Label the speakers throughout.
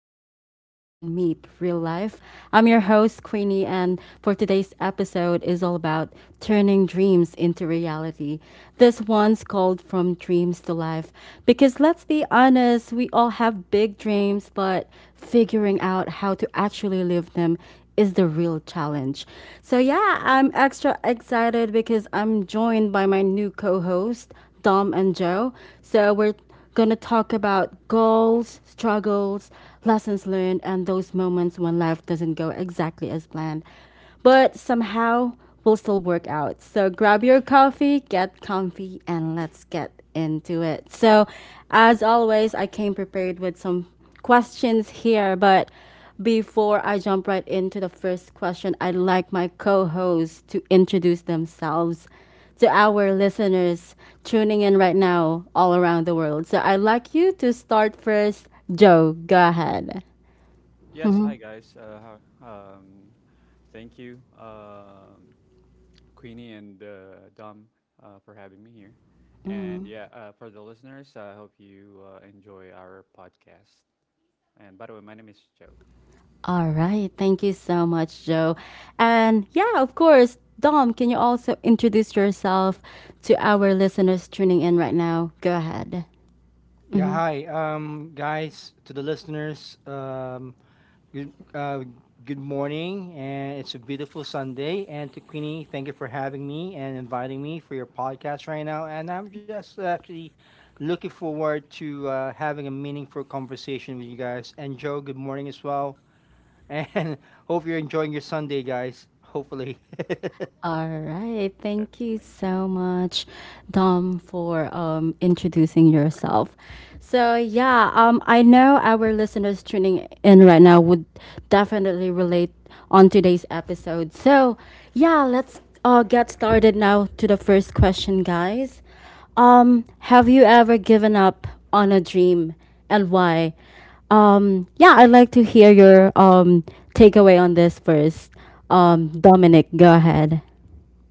Speaker 1: real conversation meet real life. I'm your host Queenie and for today's episode is all about turning dreams into reality. This one's called From Dreams to Life because let's be honest, we all have big dreams but figuring out how to actually live them is the real challenge. So, yeah, I'm extra excited because I'm joined by my new co host, Dom and Joe. So, we're going to talk about goals, struggles, lessons learned, and those moments when life doesn't go exactly as planned, but somehow will still work out. So, grab your coffee, get comfy, and let's get into it. So, as always, I came prepared with some questions here, but before I jump right into the first question, I'd like my co hosts to introduce themselves to our listeners tuning in right now all around the world. So I'd like you to start first. Joe, go ahead.
Speaker 2: Yes, hi guys. How- um, thank you, Queenie and Dom, for having me here. And yeah, for the listeners, I hope you enjoy our podcast. And by the way, my name is Joe.
Speaker 1: All right. Thank you so much, Joe. And yeah, of course, Dom, can you also introduce yourself to our listeners tuning in right now? Go ahead.
Speaker 3: Yeah, hi, guys, to the listeners. Good, uh, Good morning, and it's a beautiful Sunday. And to Queenie, thank you for having me and inviting me for your podcast right now. And I'm just actually looking forward to having a meaningful conversation with you guys. And Joe, good morning as well. And hope you're enjoying your Sunday, guys. Hopefully.
Speaker 1: All right. Thank you
Speaker 2: Definitely, yeah.
Speaker 1: so much, Dom, for introducing yourself. So, yeah, I know our listeners tuning in right now would definitely relate on today's episode. So, yeah, let's get started now to the first question, guys. Um, have you ever given up on a dream and why? Yeah, I'd like to hear your takeaway on this first. Dominic, go ahead.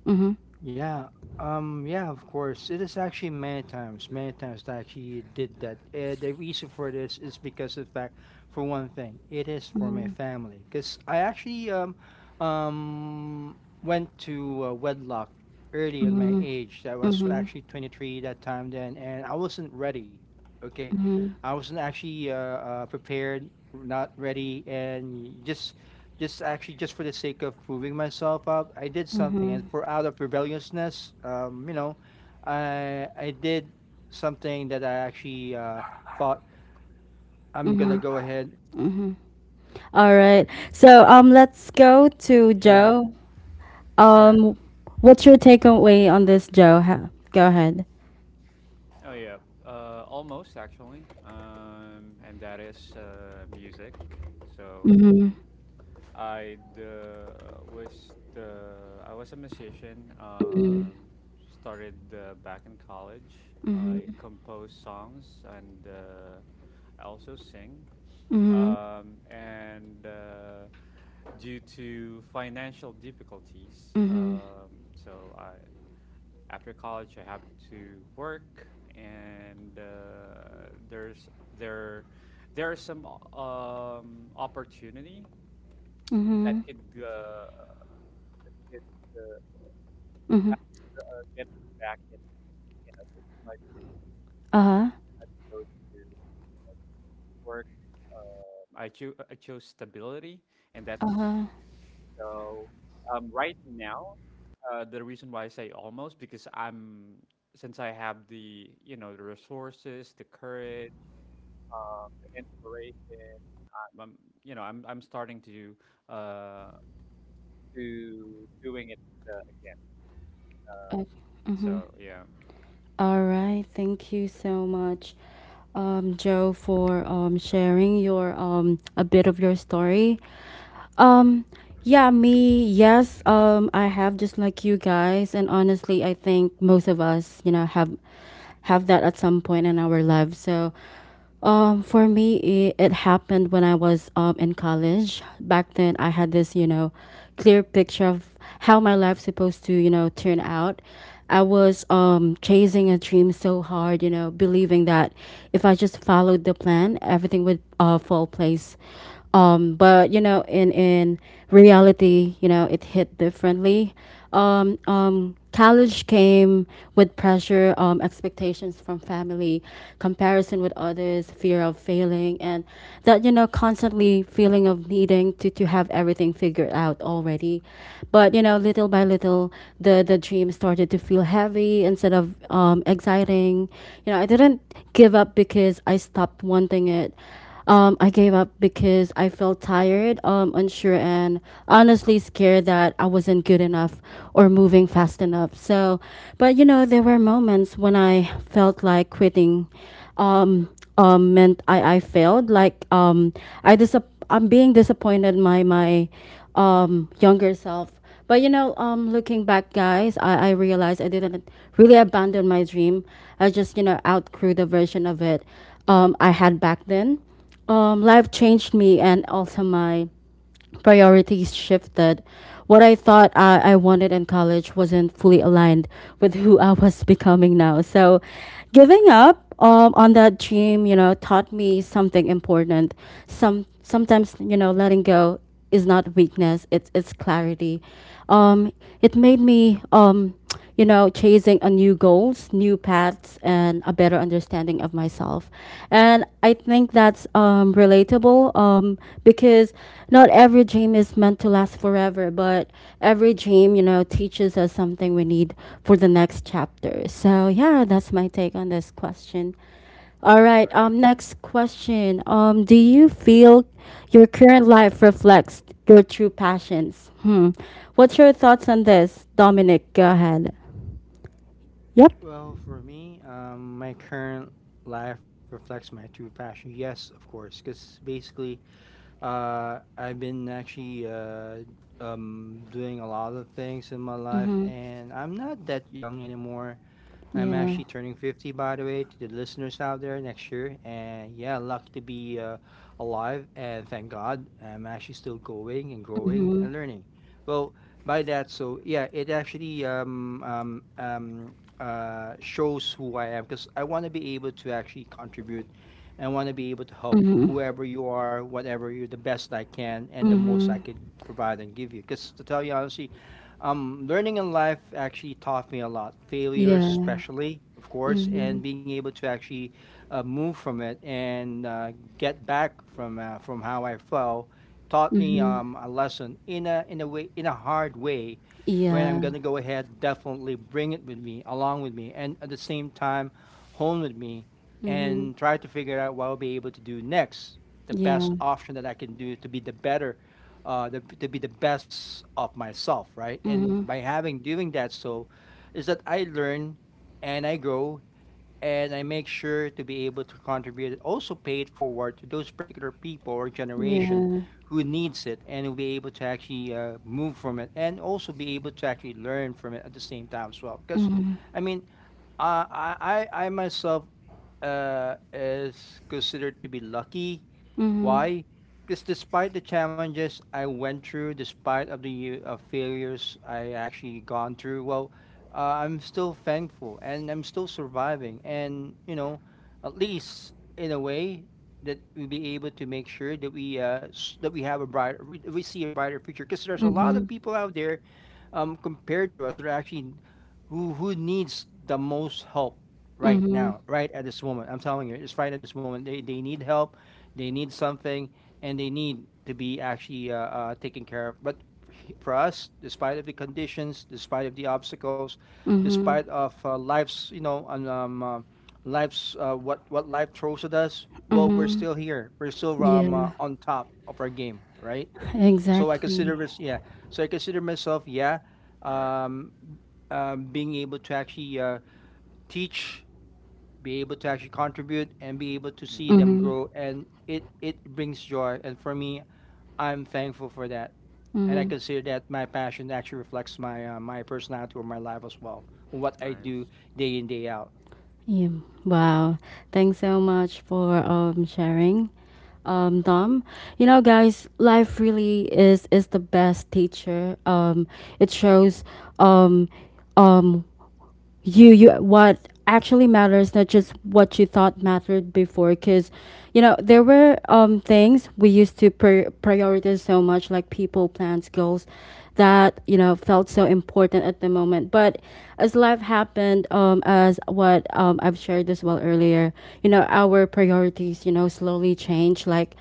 Speaker 1: Mhm.
Speaker 3: Yeah. Yeah. Of course, it is actually many times that I actually did that. The reason for this is because of the fact, for one thing, it is for my
Speaker 1: Mhm.
Speaker 3: family. Cause I actually um, went to wedlock early in my
Speaker 1: Mhm.
Speaker 3: age. I was
Speaker 1: Mhm.
Speaker 3: actually 23 that time then, and I wasn't ready. Okay,
Speaker 1: Mhm.
Speaker 3: I wasn't actually prepared, not ready, and just actually just for the sake of proving myself up, I did something, and
Speaker 1: Mhm.
Speaker 3: for out of rebelliousness, you know, I did something that I actually thought I'm gonna
Speaker 1: Mhm.
Speaker 3: go ahead.
Speaker 1: Mhm. All right. So let's go to
Speaker 3: Yeah,
Speaker 1: Joe.
Speaker 3: yeah.
Speaker 1: Um, what's your takeaway on this, Joe? Go ahead.
Speaker 2: Oh yeah, almost actually. And that is music. So
Speaker 1: Mhm.
Speaker 2: I was a musician.
Speaker 1: Mhm.
Speaker 2: Started back in college. I
Speaker 1: Mhm.
Speaker 2: compose songs and I also sing.
Speaker 1: Mhm.
Speaker 2: And Due to financial difficulties,
Speaker 1: Mhm.
Speaker 2: um, so I after college I have to work, and there there are some opportunity
Speaker 1: Mhm.
Speaker 2: that could that could uh,
Speaker 1: Mhm.
Speaker 2: ba- get me back in you know to my dream.
Speaker 1: Uh huh.
Speaker 2: I chose to you know to work. I chose stability, and that's
Speaker 1: Uh huh.
Speaker 2: so right now. The reason why I say almost because I'm since I have the you know the resources, the courage, the inspiration. I'm you know I'm starting to uh, to doing it again.
Speaker 1: Okay. Mhm.
Speaker 2: So yeah.
Speaker 1: All right. Thank you so much, Joe, for sharing your a bit of your story. Um, yeah, me, yes. I have just like you guys, and honestly, I think most of us, you know, have that at some point in our lives. So, for me, it happened when I was in college. Back then, I had this, you know, clear picture of how my life's supposed to, you know, turn out. I was chasing a dream so hard, you know, believing that if I just followed the plan, everything would fall place, but you know, in reality, you know, it hit differently. College came with pressure, expectations from family, comparison with others, fear of failing, and that, you know, constantly feeling of needing to have everything figured out already. But you know, little by little, the dream started to feel heavy instead of exciting. You know, I didn't give up because I stopped wanting it. I gave up because I felt tired, unsure, and honestly scared that I wasn't good enough or moving fast enough. So, but you know, there were moments when I felt like quitting um, meant I failed. Like I disap- I'm being disappointed my younger self. But you know, looking back, guys, I realized I didn't really abandon my dream. I just, you know, outgrew the version of it I had back then. Life changed me, and also my priorities shifted. What I thought I wanted in college wasn't fully aligned with who I was becoming now. So, giving up on that dream, you know, taught me something important. Sometimes, you know, letting go is not weakness; it's clarity. Um, it made me you know, chasing a new goals, new paths, and a better understanding of myself. And I think that's relatable because not every dream is meant to last forever, but every dream, you know, teaches us something we need for the next chapter. So, yeah, that's my take on this question. All right.
Speaker 2: Right, right.
Speaker 1: Next question. Do you feel your current life reflects your true passions? Hmm. What's your thoughts on this, Dominic? Go ahead. Yep.
Speaker 3: Well, for me, my current life reflects my true passion. Yes, of course, because basically, I've been actually doing a lot of things in my life,
Speaker 1: Mhm.
Speaker 3: and I'm not that young anymore. I'm
Speaker 1: Yeah.
Speaker 3: actually turning 50, by the way, to the listeners out there next year. And yeah, lucky to be alive. And thank God, I'm actually still going and growing
Speaker 1: Mhm.
Speaker 3: and learning. Well, by that, so yeah, it actually shows who I am because I want to be able to actually contribute and I want to be able to help
Speaker 1: Mhm.
Speaker 3: whoever you are, whatever you, the best I can and the most I
Speaker 1: Mhm.
Speaker 3: could provide and give you. Because to tell you honestly, learning in life actually taught me a lot. Failures,
Speaker 1: Yeah.
Speaker 3: especially, of course,
Speaker 1: Mhm.
Speaker 3: and being able to actually move from it and get back from how I fell taught me
Speaker 1: Mhm.
Speaker 3: a lesson in a hard way where I'm
Speaker 1: Yeah.
Speaker 3: going to go ahead, definitely bring it with me, along with me, and at the same time, hone with me
Speaker 1: Mhm.
Speaker 3: and try to figure out what I'll be able to do next, the
Speaker 1: Yeah.
Speaker 3: best option that I can do to be the better, to be the best of myself, right? And
Speaker 1: Mhm.
Speaker 3: by having doing that, so is that I learn and I grow and I make sure to be able to contribute and also pay it forward to those particular people or generation
Speaker 1: Yeah.
Speaker 3: who needs it and will be able to actually move from it and also be able to actually learn from it at the same time as well. Because,
Speaker 1: Mhm.
Speaker 3: I mean, I myself is considered to be lucky
Speaker 1: Mhm.
Speaker 3: why? Because despite the challenges I went through, despite of the failures I actually gone through, well, I'm still thankful and I'm still surviving. And you know, at least in a way that we be able to make sure that we have a we see a brighter future. Because there's a lot of
Speaker 1: Mhm.
Speaker 3: people out there compared to us are actually who needs the most help right
Speaker 1: Mhm.
Speaker 3: now, right at this moment. I'm telling you, it's right at this moment. They need help, they need something, and they need to be actually taken care of. But for us, despite of the conditions, despite of the obstacles, despite
Speaker 1: Mhm.
Speaker 3: of life's what life throws at us, well, we're
Speaker 1: Mhm.
Speaker 3: still here. We're still
Speaker 1: Yeah.
Speaker 3: on top of our game, right? So I consider
Speaker 1: Exactly.
Speaker 3: myself,
Speaker 2: All right.
Speaker 3: um, being able to actually teach, be able to actually contribute, and be able to see
Speaker 2: Mm-hmm.
Speaker 3: them
Speaker 1: Mm-hmm.
Speaker 3: grow, and it brings joy. And for me, I'm thankful for that, and I
Speaker 1: Mm-hmm.
Speaker 3: consider that my passion actually reflects my my personality or my life as well, what I do
Speaker 2: Nice.
Speaker 3: day in day out.
Speaker 1: Yeah. Wow. Thanks so much for sharing. Dom, you know, guys, life really is the best teacher. It shows, um, um, you what actually matters, not just what you thought mattered before, because you know, there were things we used to prioritize so much, like people, plans, goals that you know felt so important at the moment. But as life happened, as what I've shared as well earlier, you know, our priorities, you know, slowly change, like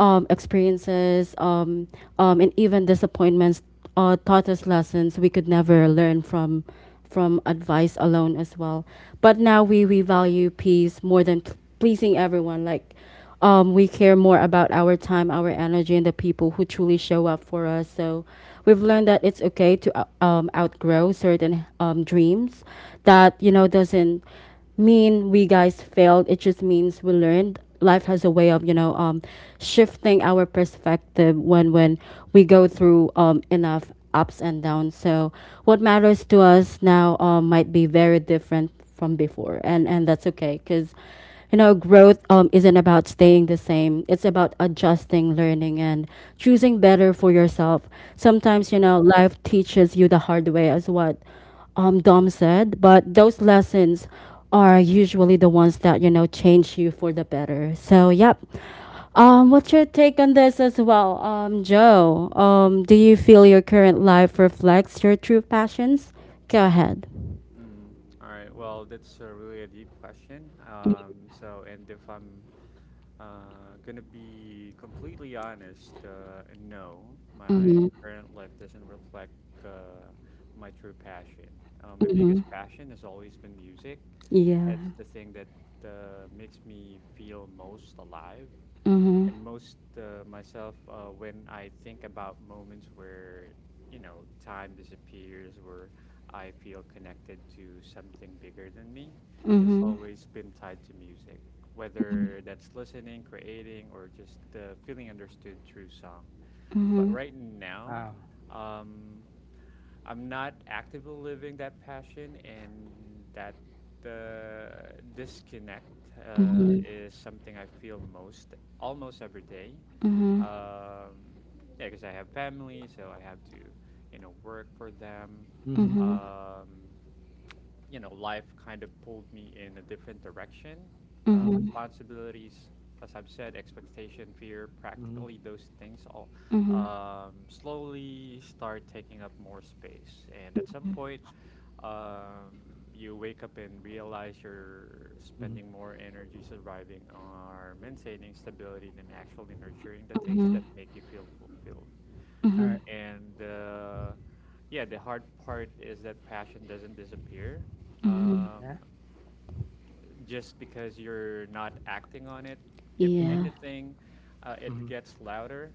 Speaker 1: experiences, and even disappointments, taught us lessons we could never learn from advice alone as well. But now we value peace more than pleasing everyone. Like we care more about our time, our energy, and the people who truly show up for us. So we've learned that it's okay to outgrow certain dreams that you know doesn't mean we guys failed. It just means we learned. Life has a way of, you know, shifting our perspective when we go through enough ups and downs. So what matters to us now might be very different from before, and that's okay, because you know, growth isn't about staying the same. It's about adjusting, learning, and choosing better for yourself. Sometimes,
Speaker 2: All
Speaker 1: you know,
Speaker 2: right.
Speaker 1: life teaches you the hard way as what Dom said, but those lessons are usually the ones that, you know, change you for the better. So, yep. What's your take on this as well, Joe? Do you feel your current life reflects your true passions? Go ahead.
Speaker 2: Mm. All right. Well, that's a really a deep question. And if I'm gonna be completely honest, no, my
Speaker 1: Mhm.
Speaker 2: current life doesn't reflect uh, my true passion. My
Speaker 1: Mhm.
Speaker 2: biggest passion has always been music.
Speaker 1: Yeah.
Speaker 2: It's the thing that makes me feel most alive,
Speaker 1: Mhm.
Speaker 2: and most myself when I think about moments where you know time disappears, where I feel connected to something bigger than me. It's
Speaker 1: Mhm.
Speaker 2: always been tied to music,
Speaker 1: Mhm.
Speaker 2: whether that's listening, creating, or just feeling understood through song. But
Speaker 1: Mhm.
Speaker 2: right now,
Speaker 3: Wow.
Speaker 2: um, I'm not actively living that passion, and that disconnect is something I feel most almost every day.
Speaker 1: Mhm. Mhm.
Speaker 2: Um, yeah, because I have family, so I have to, you know, work for them.
Speaker 3: Mhm.
Speaker 1: Mhm.
Speaker 2: Um, you know, life kind of pulled me in a different direction.
Speaker 3: Mhm.
Speaker 2: Responsibilities, as I've said, expectation, fear,
Speaker 3: Mhm.
Speaker 2: practically those things all
Speaker 1: Mhm.
Speaker 2: slowly start taking up more space. And at some point, um, you wake up and realize you're
Speaker 3: Mhm.
Speaker 2: spending more energy surviving or maintaining stability than actually nurturing the things
Speaker 1: Mhm.
Speaker 2: that make you feel fulfilled.
Speaker 3: All
Speaker 1: Mhm.
Speaker 3: right.
Speaker 2: And Yeah, the hard part is that passion doesn't disappear
Speaker 1: Mhm.
Speaker 2: um,
Speaker 3: Yeah.
Speaker 2: just because you're not acting on it. If
Speaker 3: Mhm.
Speaker 1: Yeah.
Speaker 2: anything, it
Speaker 3: Mhm.
Speaker 2: gets louder.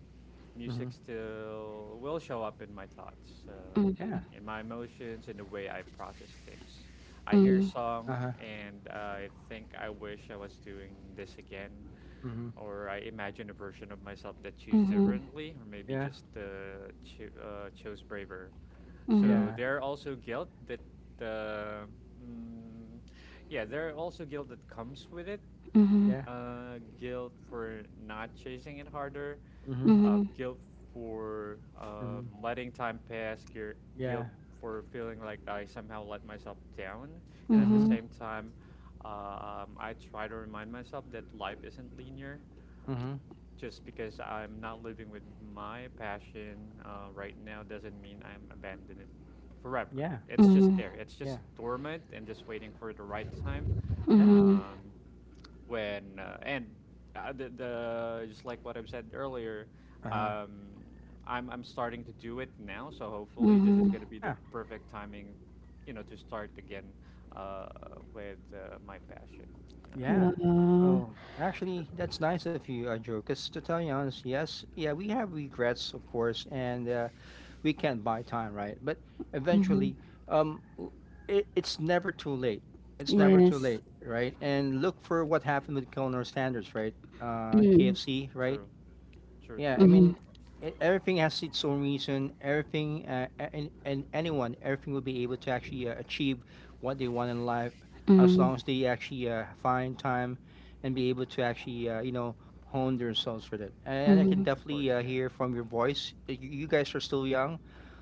Speaker 2: Music
Speaker 3: Mhm.
Speaker 2: still will show up in my thoughts,
Speaker 3: Yeah.
Speaker 2: in my emotions, in the way I process things. I hear a
Speaker 1: Mhm.
Speaker 3: Uh huh.
Speaker 2: song and I think I wish I was doing this again,
Speaker 3: Mhm.
Speaker 2: or I imagine a version of myself that choose
Speaker 1: Mhm.
Speaker 2: differently, or maybe
Speaker 3: Yeah.
Speaker 2: just chose braver.
Speaker 1: Mhm.
Speaker 2: So
Speaker 3: Yeah.
Speaker 2: there are also guilt that, uh, mm, yeah, there are also guilt that comes with it.
Speaker 1: Mhm.
Speaker 3: Yeah.
Speaker 2: Guilt for not chasing it harder,
Speaker 3: Mhm.
Speaker 1: Mhm.
Speaker 2: guilt for
Speaker 3: Mhm.
Speaker 2: letting time pass, guilt
Speaker 3: Yeah.
Speaker 2: for feeling like I somehow let myself down, and at the
Speaker 3: Mhm.
Speaker 1: Mhm.
Speaker 2: same time, I try to remind myself that life isn't linear,
Speaker 3: Mhm.
Speaker 2: just because I'm not living with my passion right now doesn't mean I'm abandoned it forever.
Speaker 3: Yeah.
Speaker 2: It's just
Speaker 1: Mhm.
Speaker 2: there. It's just
Speaker 3: Yeah.
Speaker 2: dormant and just waiting for the right time.
Speaker 3: Yeah.
Speaker 1: Mhm.
Speaker 2: Um, when and the Just like what I've said earlier,
Speaker 3: Uh-huh.
Speaker 2: um, I'm starting to do it now. So hopefully this is
Speaker 1: Mhm.
Speaker 2: gonna be the
Speaker 3: Yeah.
Speaker 2: perfect timing, you know, to start again uh, with my passion. Um,
Speaker 3: Yeah.
Speaker 1: Wow.
Speaker 3: Oh, actually, that's nice of you, Joe. Because to tell you honest, yes, yeah, we have regrets, of course, and we can't buy time, right? But
Speaker 1: Mhm.
Speaker 3: eventually, um, w- it, it's never too late. It's
Speaker 2: right.
Speaker 3: never too
Speaker 1: Yes.
Speaker 3: late, right? And look for what happened with Colonel Sanders, right?
Speaker 1: Mm.
Speaker 3: KFC, right?
Speaker 2: True. True.
Speaker 3: Yeah, I
Speaker 2: True.
Speaker 3: mean,
Speaker 1: Mhm.
Speaker 3: everything has its own reason. Everything, and anyone, everything will be able to actually achieve what they want in life as
Speaker 1: Mhm.
Speaker 3: long as they actually find time and be able to actually, you know, hone themselves for that. And I can
Speaker 1: Mhm.
Speaker 2: Of
Speaker 3: definitely
Speaker 2: course. Yeah.
Speaker 3: hear from your voice that you guys are still young.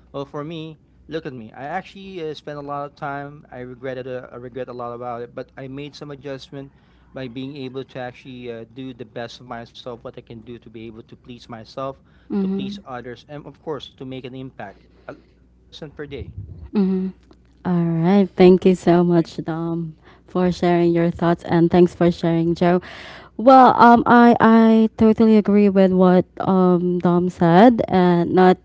Speaker 3: Well, for me, look at me. I actually spent a lot of time. I regretted. I regret a lot about it, but I made some adjustment by being able to actually do the best of myself, what I can do to be able to please myself, to please
Speaker 1: Mhm.
Speaker 3: others, and of course to make an impact, at least one person per day.
Speaker 1: Mhm. All right.
Speaker 2: All
Speaker 1: Thank
Speaker 2: right.
Speaker 1: you so
Speaker 2: Thank
Speaker 1: much,
Speaker 2: you. Thank
Speaker 1: Dom, for sharing your thoughts, and thanks for sharing, Joe. Well, I totally agree with what Dom said, and not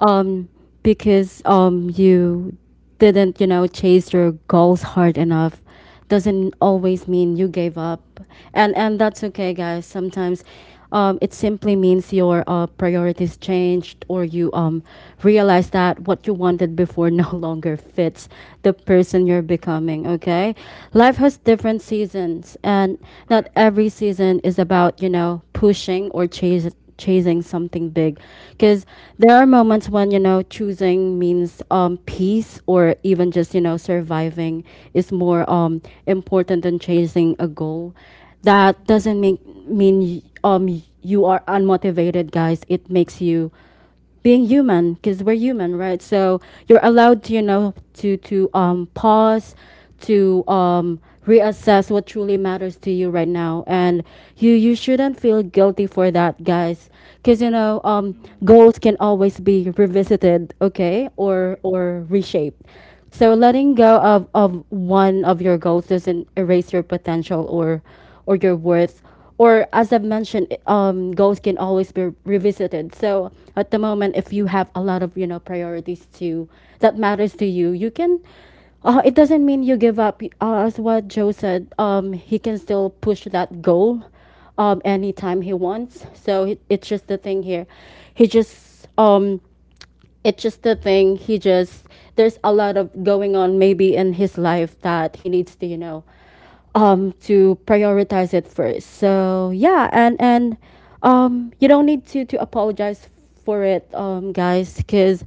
Speaker 1: um because you didn't, you know, chase your goals hard enough doesn't always mean you gave up, and that's okay, guys. Sometimes. It simply means your priorities changed, or you realize that what you wanted before no longer fits the person you're becoming. Okay, life has different seasons, and
Speaker 2: you. All
Speaker 1: not
Speaker 2: right.
Speaker 1: every season is about, you know, pushing or chase chasing something big, because there are moments when, you know, choosing means peace or even just, you know, surviving is more important than chasing a goal. That doesn't mean you are unmotivated, guys. It makes you being human, because we're human, right? So you're allowed to, you know, to pause, to reassess what truly matters to you right now. And you shouldn't feel guilty for that, guys, because, you know,
Speaker 2: Mm.
Speaker 1: goals can always be revisited. Okay, or
Speaker 2: Right.
Speaker 1: or reshaped. So letting go of one of your goals doesn't erase your potential or your worth, or as I've mentioned, goals can always be revisited. So at the moment, if you have a lot of, you know, priorities to that matters to you, you can. It doesn't mean you give up. As what Joe said, he can still push that goal, anytime he wants. So it's just the thing here. He just it's just the thing. He just there's a lot of going on maybe in his life that he needs to, you know, to prioritize it first. So, yeah. And you don't need to apologize for it, guys, because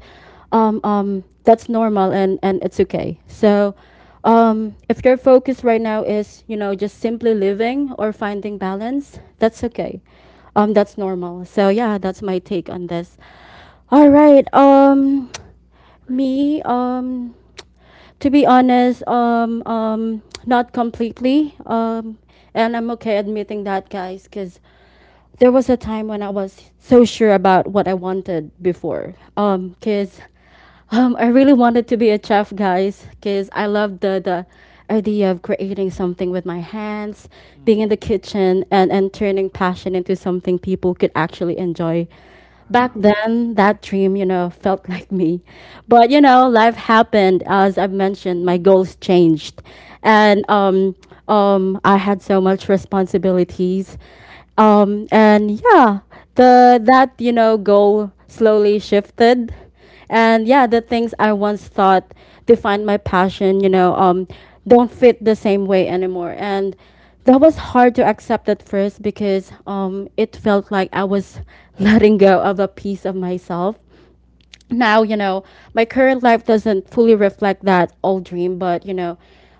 Speaker 1: that's normal, and it's okay. So if your focus right now is, you know, just simply living or finding balance, that's okay. That's normal. So, yeah, that's my take on this. All right.
Speaker 2: Great.
Speaker 1: Me. To be honest, not completely. And I'm okay admitting that, guys, because there was a time when I was so sure about what I wanted before. Because I really wanted to be a chef, guys, because I love the idea of creating something with my hands, being in the
Speaker 2: Mm.
Speaker 1: kitchen, and turning passion into something people could actually enjoy. Back
Speaker 3: Wow.
Speaker 1: then, that dream, you know, felt like me. But, you know, life happened. As I've mentioned, my
Speaker 2: Mm.
Speaker 1: goals changed.
Speaker 2: Right.
Speaker 1: And I had so much responsibilities. Um, and yeah, the goal slowly shifted, and yeah, the things I once thought defined my passion don't fit the same way anymore. And that was hard to accept at first because it felt like I was letting go of a piece of myself. Now, my current life doesn't fully reflect that old dream, but you know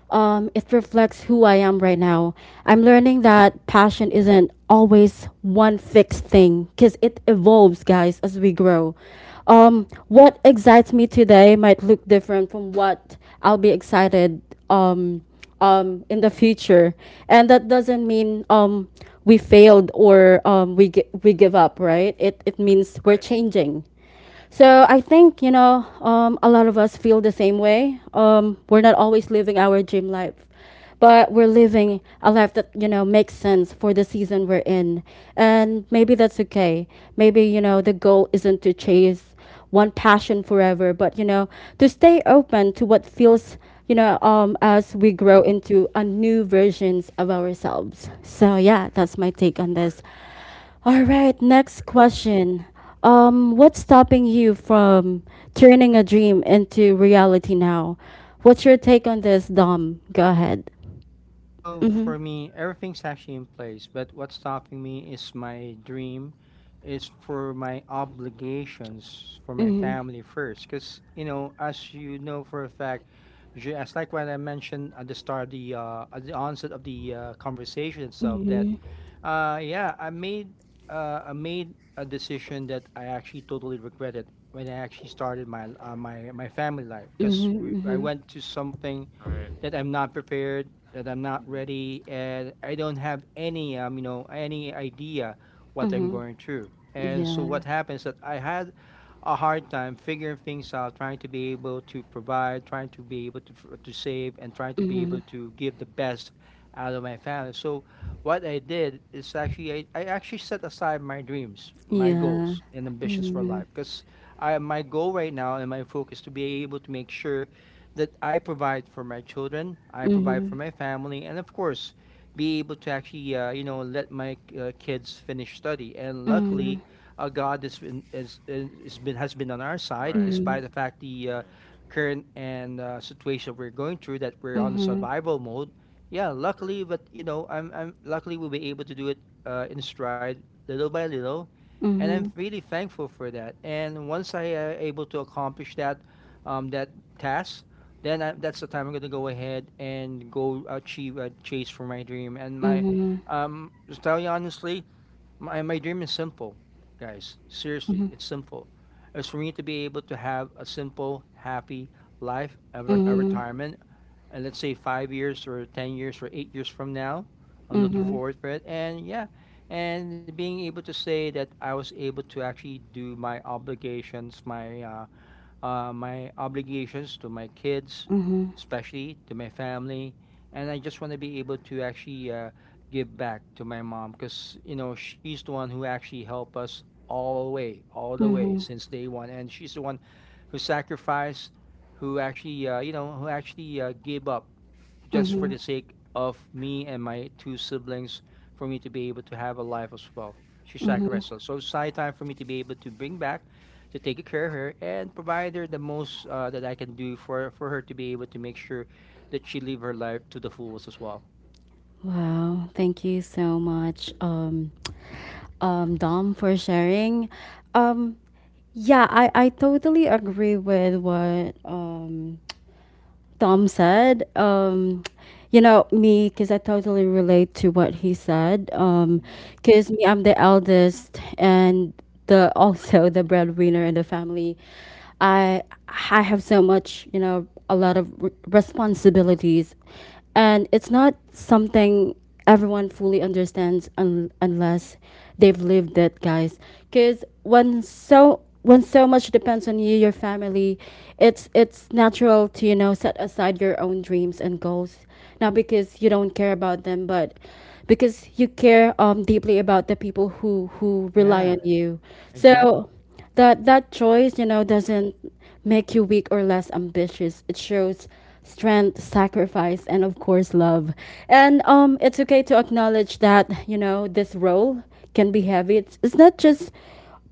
Speaker 1: um, it reflects who I am right now. I'm learning
Speaker 2: Mm.
Speaker 1: that passion
Speaker 2: Right.
Speaker 1: isn't always one fixed thing because it evolves, guys, as we grow. What excites me today might look different from what I'll be excited um, in the future. And that doesn't mean we failed or we give up, right? It means we're
Speaker 2: Right.
Speaker 1: changing. So I think, a lot of us feel the same way. We're not always living our dream life, but we're living a life that you know makes sense for the season we're in, and maybe that's okay. Maybe, you know, the goal isn't to chase one passion forever, but you know, to stay open to what feels, as we grow
Speaker 2: Mm.
Speaker 1: into a new versions of ourselves. So yeah, that's my take on
Speaker 2: All right.
Speaker 1: this. All right, next
Speaker 2: Great. Great.
Speaker 1: question. What's stopping you from turning a dream into reality now? What's your take on this, Dom? Go ahead.
Speaker 3: Well,
Speaker 1: Mhm.
Speaker 3: for me, everything's actually in place, but what's stopping me is my dream, is for my obligations for my
Speaker 1: Mhm.
Speaker 3: family first. Because, you know, as you know for a fact, as like what I mentioned at the start of the, at the onset of the conversation itself, that,
Speaker 1: Mhm.
Speaker 3: yeah, I made a decision that I actually totally regretted when I actually started my, my family life. Because
Speaker 1: Mhm.
Speaker 3: I
Speaker 1: Mhm.
Speaker 3: went to something
Speaker 2: All right.
Speaker 3: that I'm not prepared, that I'm not
Speaker 2: Mm.
Speaker 3: ready, and I don't have any you know any idea what I'm
Speaker 1: Mhm.
Speaker 3: going through. And so
Speaker 1: Yeah.
Speaker 3: what happens that I had a hard time figuring things out, trying to be able to provide, trying to be able to to save, and trying to be able
Speaker 1: Mhm.
Speaker 3: to give the best out of my family. So what I did is actually I actually set aside my dreams, my goals,
Speaker 1: Yeah.
Speaker 3: and ambitions for
Speaker 1: Mhm.
Speaker 3: life because I my goal right now and my focus to be able to make sure that I provide for my children, I provide
Speaker 1: Mhm.
Speaker 3: for my family, and of course, be able to actually, you know, let my kids finish study. And luckily,
Speaker 1: Mhm.
Speaker 3: God has been on our side,
Speaker 2: Right.
Speaker 3: despite the fact the
Speaker 2: Yes.
Speaker 3: current and situation we're going through that we're
Speaker 1: Mhm.
Speaker 3: on the
Speaker 1: Mhm.
Speaker 3: survival mode. Yeah,
Speaker 2: True.
Speaker 3: luckily, but you know, I'm luckily we'll be able to do it in stride, little by little, and I'm
Speaker 1: Mhm.
Speaker 3: really thankful for that. And once I able to accomplish that, that task, then that's the time I'm gonna go ahead and go achieve a chase for my dream. And my,
Speaker 1: Mhm.
Speaker 3: to tell you honestly, my dream is simple, guys. Seriously, it's simple. It's for me to be able to have a simple, happy life, a
Speaker 1: Mhm.
Speaker 3: retirement, and let's say 5 years or 10 years or 8 years from now. I'm
Speaker 1: Mhm.
Speaker 3: looking
Speaker 1: Mhm.
Speaker 3: forward to it, and yeah, and being able to say that I was able to actually do my obligations, my my obligations to my kids,
Speaker 1: Mhm.
Speaker 3: especially to my family, and I just want to be able to actually give back to my mom because you know she's the one who actually helped us all the way
Speaker 1: Mhm.
Speaker 3: since day 1, and she's the one who sacrificed, who actually you know who actually gave up just for
Speaker 1: Mhm.
Speaker 3: the sake of me and my 2 siblings for me to be able to have a life as well. She
Speaker 1: Mhm.
Speaker 3: sacrificed. So, so it's high time for me to be able to bring back to take care of her and provide her the most that I can do for her to be able to make sure that she live her life to the fullest as well.
Speaker 1: Wow, thank you so much, Dom, for sharing. Um, yeah, I totally agree with what Dom said. You know, me, because I totally relate to what he said.
Speaker 2: Mm. Right.
Speaker 1: Because me, I'm the eldest and the also the breadwinner in the family. I I have so much, you know, a lot of r responsibilities, and it's not something everyone fully understands unless they've lived it, guys, because when so much depends on you, your family, it's natural to, you know, set aside your own dreams and goals, not because you don't care about them, but because you care, deeply about the people who
Speaker 3: Yeah,
Speaker 1: rely on you.
Speaker 3: exactly.
Speaker 1: So that choice, you know,
Speaker 2: True.
Speaker 1: doesn't make you weak or less ambitious. It shows strength, sacrifice, and of course love. And it's okay to acknowledge that, you know, this role can be heavy. It's not just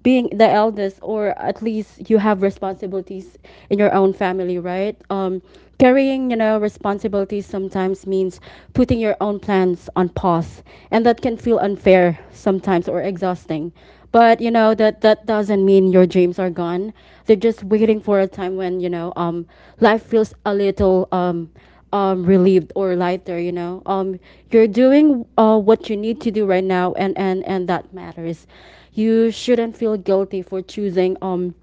Speaker 1: being the eldest, or at least you have responsibilities in your own family, right? Carrying, you know, responsibilities sometimes means putting your own plans on pause, and that can feel unfair sometimes or exhausting. But you know, that doesn't mean your dreams are gone. They're just waiting for a time when, life feels a little relieved or lighter. You know, you're doing what you need to do right now, and that matters. You shouldn't feel guilty for choosing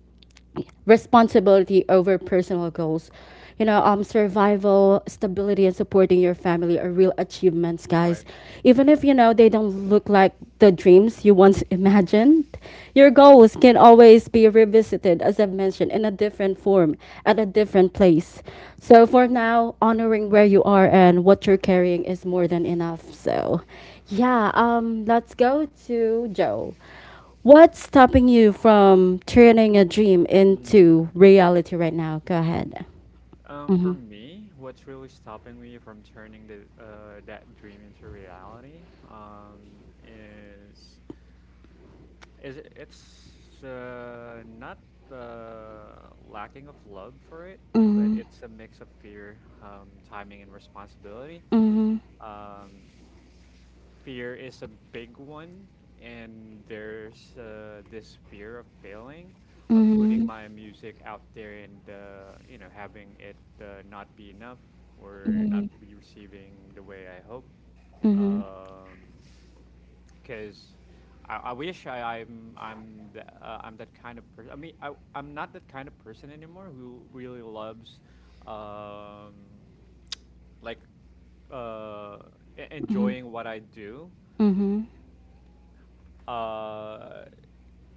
Speaker 1: responsibility over personal goals. You know, survival, stability, and supporting your family are real achievements,
Speaker 2: Right.
Speaker 1: guys. Even if, you know, they don't look like the dreams you once imagined, your goals can always be revisited, as I've mentioned, in a different form at a different place. So for now, honoring where you are and what you're carrying is more than enough. So, yeah, let's go to Joe. What's stopping you from turning a dream
Speaker 2: Mm.
Speaker 1: into reality right now? Go ahead.
Speaker 2: For
Speaker 1: Mhm.
Speaker 2: me, what's really stopping me from turning the that dream into reality um is is it, it's not the lacking of love for it, but it's a mix of fear, timing, and responsibility. Um, fear is a big one, and there's this fear of failing, of putting
Speaker 1: Mhm.
Speaker 2: my music out there and you know having it not be enough or not be receiving the way I hope. Um, because I wish I'm that kind of person. I mean, I'm not that kind of person anymore who really loves, um, like uh,
Speaker 1: Mhm.
Speaker 2: enjoying what I do.
Speaker 1: Mhm.
Speaker 2: Uh,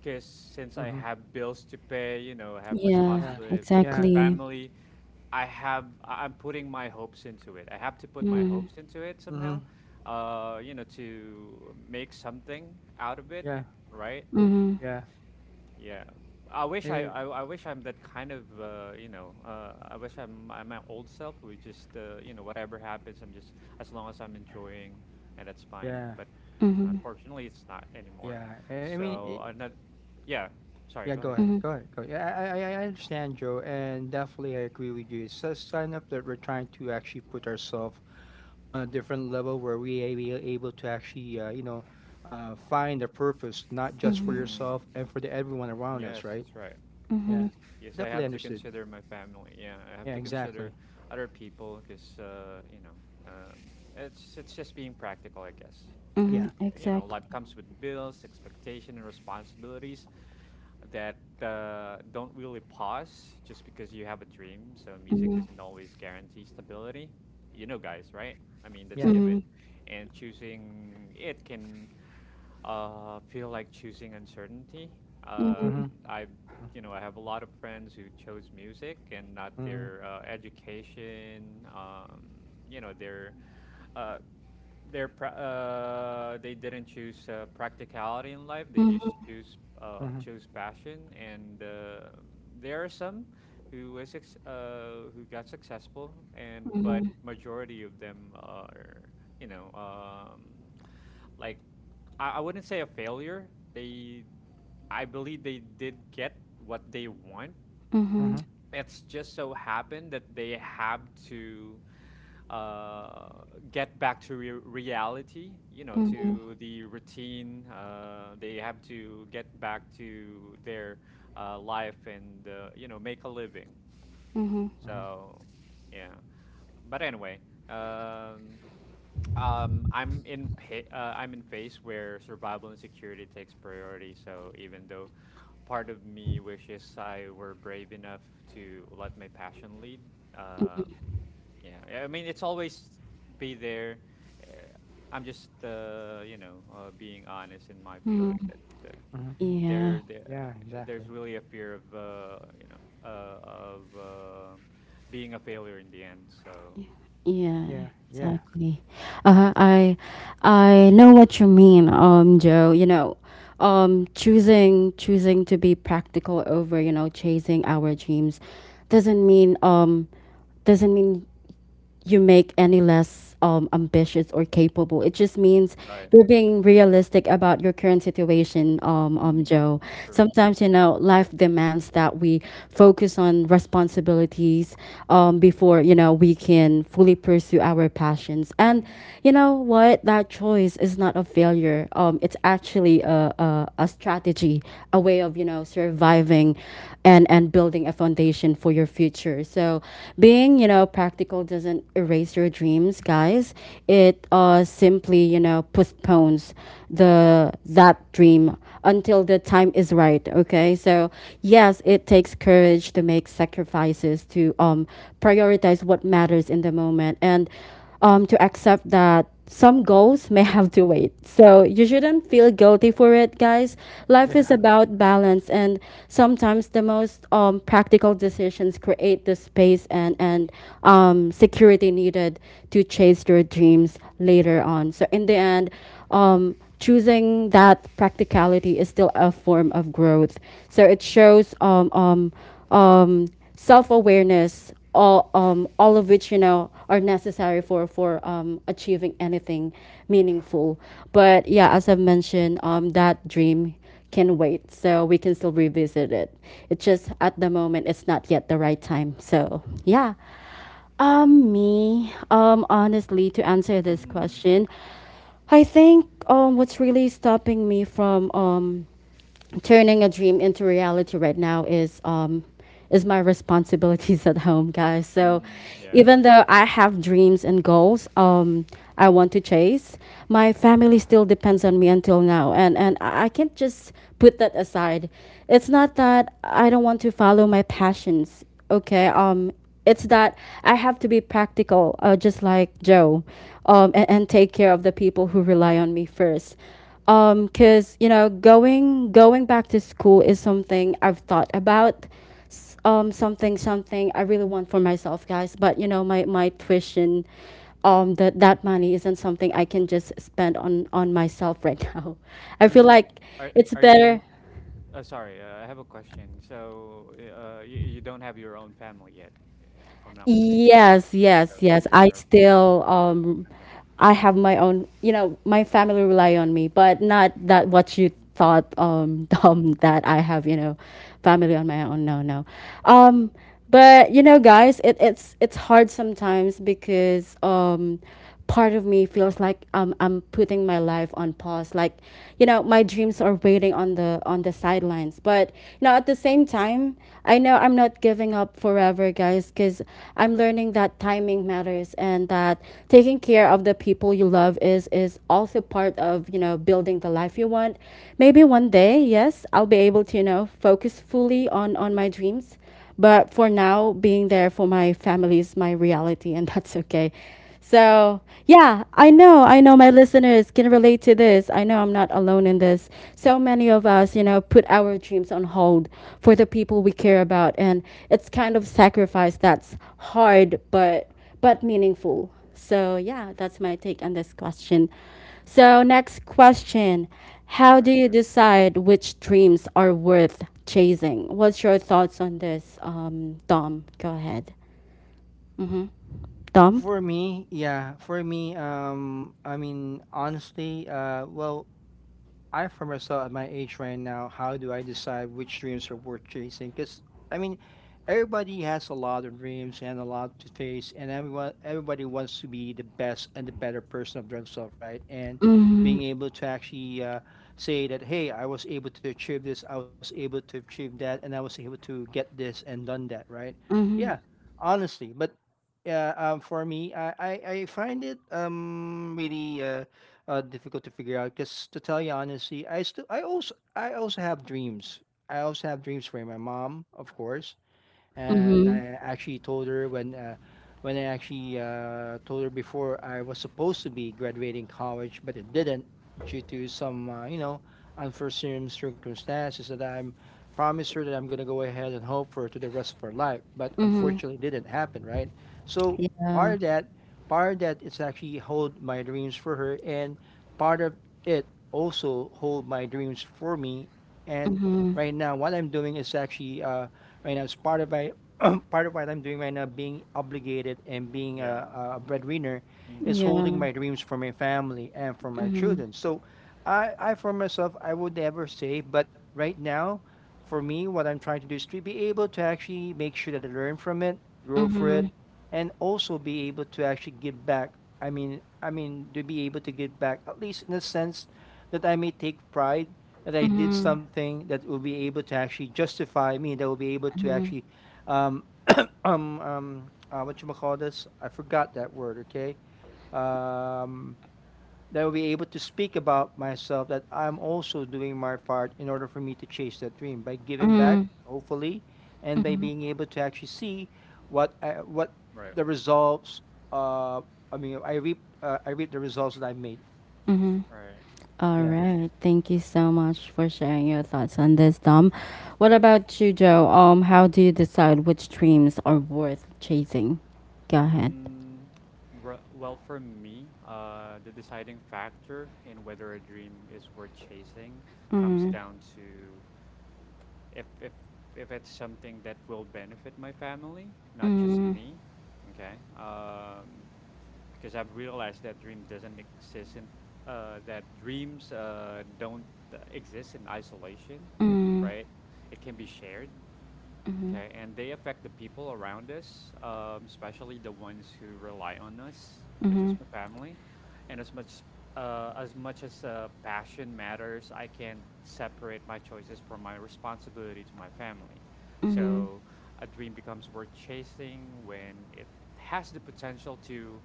Speaker 2: because since I
Speaker 3: Mm-hmm.
Speaker 2: have bills to pay, you know, I have
Speaker 1: Yeah,
Speaker 3: Yeah,
Speaker 2: responsibility,
Speaker 3: yeah.
Speaker 1: exactly.
Speaker 2: family. I'm putting my hopes into it. I have to put my
Speaker 1: Mhm.
Speaker 2: hopes into it somehow,
Speaker 3: Mm-hmm.
Speaker 2: you know, to make something out of it,
Speaker 3: Yeah,
Speaker 2: right?
Speaker 1: Mhm.
Speaker 3: yeah.
Speaker 2: Yeah.
Speaker 3: Eh,
Speaker 2: I wish I'm that kind of you know, I wish I'm my old self who is just you know whatever happens I'm just as long as I'm enjoying, and that's fine,
Speaker 3: yeah,
Speaker 2: but you know
Speaker 1: Mhm.
Speaker 2: unfortunately it's not anymore.
Speaker 3: yeah. I
Speaker 2: So I'm not, yeah, sorry,
Speaker 3: Yeah,
Speaker 2: go
Speaker 3: go
Speaker 2: ahead.
Speaker 3: ahead.
Speaker 1: Mhm.
Speaker 3: Go ahead. Go. Yeah, I understand, Joe, and definitely I agree with you. It's a sign up that we're trying to actually put ourselves on a different level where we are be able to actually, you know, find a purpose, not just for
Speaker 1: Mhm.
Speaker 3: yourself
Speaker 2: Mm,
Speaker 3: and for the everyone around us,
Speaker 2: yes,
Speaker 3: right?
Speaker 2: that's right.
Speaker 3: Yeah,
Speaker 1: Mhm.
Speaker 2: 'Cause- yes, I
Speaker 3: definitely
Speaker 2: have to
Speaker 3: understood.
Speaker 2: consider my family. Yeah, I have
Speaker 3: Yeah,
Speaker 2: to
Speaker 3: exactly.
Speaker 2: consider other people because you know, um, it's just being practical, I guess. Like
Speaker 3: Yeah,
Speaker 1: Mhm.
Speaker 2: you know,
Speaker 1: Exactly.
Speaker 2: life comes with bills, expectation, and responsibilities that don't really pause just because you have a dream. So music
Speaker 1: Mhm.
Speaker 2: doesn't always guarantee stability. You know, guys, right? I mean, that's
Speaker 3: yeah.
Speaker 2: given,
Speaker 1: Mhm.
Speaker 2: and choosing it can feel like choosing uncertainty. Um,
Speaker 1: Mhm.
Speaker 3: Mhm.
Speaker 2: I, you know, I have a lot of friends who chose music and not
Speaker 3: Mhm.
Speaker 2: their education. You know, their uh, they're pra- they didn't choose practicality in life. They
Speaker 1: Mhm.
Speaker 2: just choose
Speaker 3: Mhm.
Speaker 2: chose passion, and there are some who who got successful, and
Speaker 1: Mhm.
Speaker 2: but majority of them are you know like, I wouldn't say a failure. They I believe they did get what they want,
Speaker 1: Mhm.
Speaker 3: Mhm.
Speaker 2: it's just so happened that they have to uh, get back to reality, you know,
Speaker 1: Mhm.
Speaker 2: to the routine. They have to get back to their life and, you know, make a living.
Speaker 1: Mhm.
Speaker 3: Mhm.
Speaker 2: So, yeah. But anyway, um, I'm in phase where survival and security takes priority. So even though part of me wishes I were brave enough to let my passion lead. Um, yeah, I mean, it's always be there. Uh, I'm just, you know, being honest in my
Speaker 1: Mhm.
Speaker 2: feeling that
Speaker 3: Mhm.
Speaker 1: Yeah.
Speaker 2: there, there,
Speaker 3: Yeah, exactly.
Speaker 2: there's really a fear of, you know, of being a failure in the end. So,
Speaker 1: Yeah,
Speaker 3: Yeah. Yeah.
Speaker 1: exactly. Uh, I I know what you mean, Joe. You know, choosing to be practical over, you know, chasing our dreams doesn't mean um doesn't mean you make any less ambitious or capable. It just means
Speaker 2: right.
Speaker 1: you're being realistic about your current situation,
Speaker 2: Mm,
Speaker 1: Joe.
Speaker 2: true.
Speaker 1: Sometimes, you know, life demands that we focus on responsibilities before, you know, we can fully pursue our passions. And
Speaker 2: Mm,
Speaker 1: you know what? That choice is not a failure. It's actually a strategy, a way of, you know surviving and building a foundation for your future. So being, you know, practical doesn't erase your dreams, guys. It simply, you know, postpones the that dream until the time is right, okay? So yes, it takes courage to make sacrifices, to prioritize what matters in the moment, and to accept that some goals may have to wait. So you shouldn't feel guilty for it, guys. Life
Speaker 3: Yeah.
Speaker 1: is about balance, and sometimes the most practical decisions create the space and security needed to chase your dreams later on. So in the end, choosing that practicality is still a form of growth. So it shows um, self awareness, all of which, you know, are necessary for achieving anything meaningful. But yeah, as I've mentioned, that dream can wait, so we can still revisit it. It's just at the moment, it's not yet the right time. So yeah, me, honestly, to answer this
Speaker 2: mm-hmm,
Speaker 1: question, I think, what's really stopping me from turning a dream into reality right now is my responsibilities at home, guys. So
Speaker 2: mm-hmm,
Speaker 1: even
Speaker 2: yes.
Speaker 1: though I have dreams and goals, I want to chase, my family still depends on me until now, and I can't just put that aside. It's not that I don't want to follow my passions, okay? It's that I have to be practical, just like Joe, and take care of the people who rely on me first. Because, you know, going back to school is something I've thought about. Something I really want for myself, guys. But you know, my tuition, that money isn't something I can just spend on myself right now. I feel
Speaker 2: Mm,
Speaker 1: like it's
Speaker 2: are you?
Speaker 1: better.
Speaker 2: Sorry, I have a question. So, you don't have your own family yet, uh, if I'm not mistaken.
Speaker 1: Yes, yes,
Speaker 2: So
Speaker 1: yes.
Speaker 2: you're okay.
Speaker 1: I have my own, you know, my family rely on me, but not that what you
Speaker 2: Mm,
Speaker 1: thought,
Speaker 2: mm,
Speaker 1: dumb that I have, you know, family on my own. No, no. Um but you know, guys, it's hard sometimes because, part of me feels like, I'm putting my life on pause. Like, you know, my dreams are waiting on the sidelines. But you know, at the same time, I know I'm not giving up forever, guys, because I'm learning that timing matters, and that taking care of the people you love is also part of, you know, building the life you want. Maybe one day, yes, I'll be able to, you know, focus fully on my dreams. But for now, being there for my family is my reality, and that's okay. So, yeah, I know my listeners can relate to this. I know I'm not alone in this. So many of us, you know, put our dreams on hold for the people we care about, and it's kind of sacrifice that's hard, but meaningful. So, yeah, that's my take on this question. So, next question. How do
Speaker 2: right.
Speaker 1: you decide which dreams are worth chasing? What's your thoughts on this, Dom? Go ahead. Mm-hmm.
Speaker 3: Well,
Speaker 1: Dom?
Speaker 3: for me, yeah, for me, I mean, honestly, well, I, for myself, at my age right now, how do I decide which dreams are worth chasing? Because I mean, everybody has a lot of dreams and a lot to face, and everyone everybody wants to be the best and the better person of themselves, right? And being able to actually say that, hey, I was able to achieve this, I was able to achieve that, and I was able to get this and done that, right?
Speaker 1: Mm-hmm.
Speaker 3: Yeah, honestly, but yeah, for me, I find it really difficult to figure out. Because to tell you honestly, I also have dreams. I also have dreams for my mom, of course, and I actually told her when I actually told her before I was supposed to be graduating college, but it didn't, due to some you know unforeseen circumstances that I'm promised her that I'm gonna go ahead and hope for to the rest of her life, but unfortunately it didn't happen, right? So part
Speaker 1: Yeah.
Speaker 3: of that, part of that is actually hold my dreams for her, and part of it also hold my dreams for me. And right
Speaker 1: Mm-hmm.
Speaker 3: now what I'm doing is actually right now it's part of my part of what I'm doing right now, being obligated and being
Speaker 2: Yeah.
Speaker 3: a breadwinner, is
Speaker 2: Mm,
Speaker 3: holding
Speaker 1: Yeah.
Speaker 3: my dreams for my family and for my
Speaker 1: Mm-hmm.
Speaker 3: children. So, I, for myself, I would never say, but right now, for me, what I'm trying to do is to be able to actually make sure that I learn from it, grow for it,
Speaker 1: Mm-hmm.
Speaker 3: and also be able to actually give back. I mean, to be able to give back, at least in the sense that I may take pride that I did
Speaker 1: Mm-hmm.
Speaker 3: something that will be able to actually justify me, that will be able to
Speaker 1: Mm-hmm.
Speaker 3: actually um what you call this? I forgot that word. Okay, um, that will be able to speak about myself that I'm also doing my part in order for me to chase that dream by giving
Speaker 2: mm,
Speaker 3: back,
Speaker 1: Mm-hmm.
Speaker 3: hopefully, and by being able to actually see what
Speaker 2: right.
Speaker 3: the results. Uh, I mean, I reap the results that I made.
Speaker 1: Mm-hmm.
Speaker 2: Right.
Speaker 1: All
Speaker 3: Yeah.
Speaker 1: right. Thank you so much for sharing your thoughts on this, Dom. What about you, Joe? How do you decide which dreams are worth chasing? Go ahead.
Speaker 2: Mm, re- well, for me, the deciding factor in whether a dream is worth chasing comes
Speaker 1: Mm,
Speaker 2: down to if if if it's something that will benefit my family, not just
Speaker 1: mm,
Speaker 2: me. Okay. Because I've realized that dreams don't exist in isolation,
Speaker 1: mm,
Speaker 2: right? It can be shared.
Speaker 1: mhm,
Speaker 2: Okay, and they affect the people around us, especially the ones who rely on us, which is
Speaker 1: mhm,
Speaker 2: my family. And as much As much as passion matters, I can't separate my choices from my responsibility to my family.
Speaker 1: mhm,
Speaker 2: So a dream becomes worth chasing when it has the potential to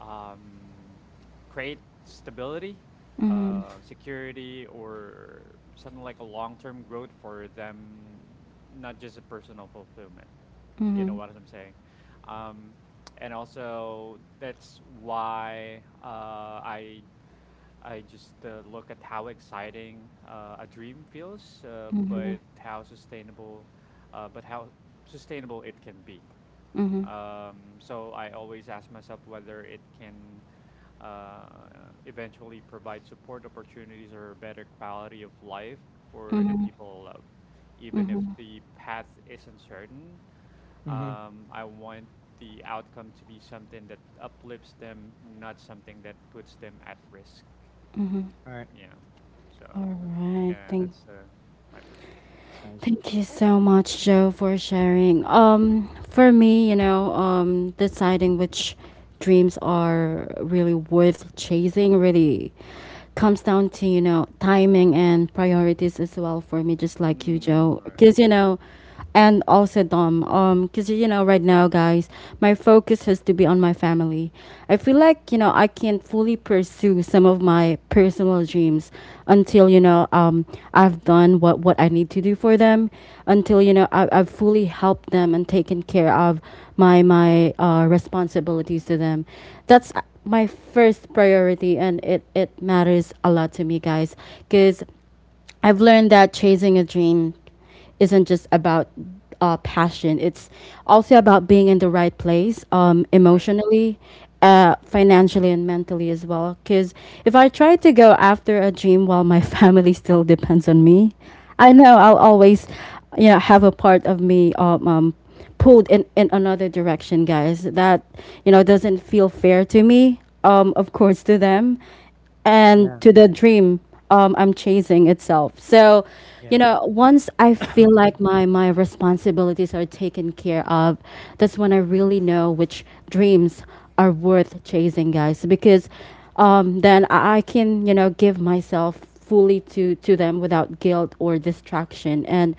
Speaker 2: um, create stability,
Speaker 1: mhm,
Speaker 2: security, or something like a long term growth for them, not just a personal fulfillment. You know
Speaker 1: mhm,
Speaker 2: what I'm saying? Um, and also, that's why I just look at how exciting a dream feels,
Speaker 1: mhm,
Speaker 2: but how sustainable it can be.
Speaker 1: mhm,
Speaker 2: So I always ask myself whether it can uh, eventually provide support opportunities or better quality of life for the
Speaker 1: mhm,
Speaker 2: people I love. Even if
Speaker 1: mhm.
Speaker 2: the path is uncertain,
Speaker 3: Mm-hmm.
Speaker 2: I want the outcome to be something that uplifts them, not something that puts them at risk.
Speaker 3: All right.
Speaker 2: Yeah. So,
Speaker 1: All right.
Speaker 2: yeah, that's my pers.
Speaker 3: That's nice.
Speaker 1: Thank you so much, Joe, for sharing. For me, you know, deciding which dreams are really worth chasing really comes down to, you know, timing and priorities as well for me, just like you,
Speaker 2: Mm,
Speaker 1: Joe.
Speaker 2: right,
Speaker 1: Because, you know, and also Dom. Because, you know, right now, guys, my focus has to be on my family. I feel like, you know, I can't fully pursue some of my personal dreams until, I've done what I need to do for them, until, you know, I've fully helped them and taken care of my responsibilities to them. That's my first priority, and it matters a lot to me, guys, because I've learned that chasing a dream isn't just about passion. It's also about being in the right place,
Speaker 2: right,
Speaker 1: emotionally, financially, and mentally as well. Because if I try to go after a dream while my family still depends on me, I know I'll always, you know, have a part of me pulled in another direction, guys. That, you know, doesn't feel fair to me. Of course, to them and
Speaker 3: Yeah.
Speaker 1: to the dream I'm chasing itself. So, you
Speaker 3: Yeah.
Speaker 1: know, once I feel like my responsibilities are taken care of, that's when I really know which dreams are worth chasing, guys. Because then I can, you know, give myself fully to them without guilt or distraction. And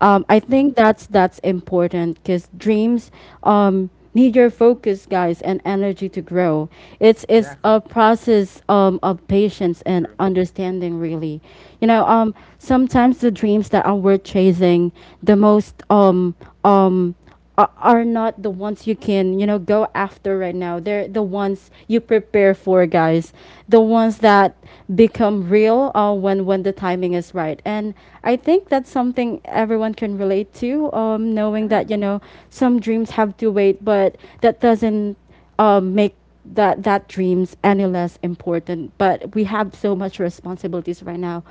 Speaker 1: I
Speaker 3: hmm
Speaker 1: think that's important because dreams. Need your focus, guys, and energy to grow. It's
Speaker 3: Exactly.
Speaker 1: a process, of patience and
Speaker 2: true.
Speaker 1: understanding, really. you know
Speaker 3: Yep.
Speaker 1: um sometimes the dreams that are worth chasing the most, um are not the ones you can, you know, go after right now. They're the ones you prepare for, guys. The ones that become real when the timing is right. And I think that's something everyone can relate to, knowing
Speaker 3: Yeah.
Speaker 1: that, you know, some dreams have to wait, but that doesn't, make that dreams any less important. But we have so much responsibilities right now,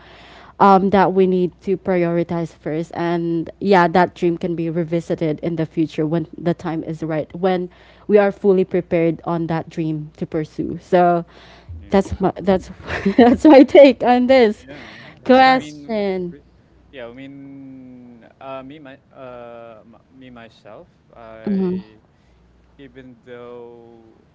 Speaker 1: that we need to prioritize first. And yeah, that dream can be revisited in the future when the time is right, when we are fully prepared on that dream to pursue. So
Speaker 2: Yeah.
Speaker 1: that's
Speaker 3: Wow.
Speaker 1: my that's that's my take on this
Speaker 2: Yeah, yeah.
Speaker 3: Yeah, that's
Speaker 2: I
Speaker 3: nice.
Speaker 2: mean,
Speaker 1: question.
Speaker 2: we- yeah. Me myself.
Speaker 1: Mm-hmm.
Speaker 2: I even though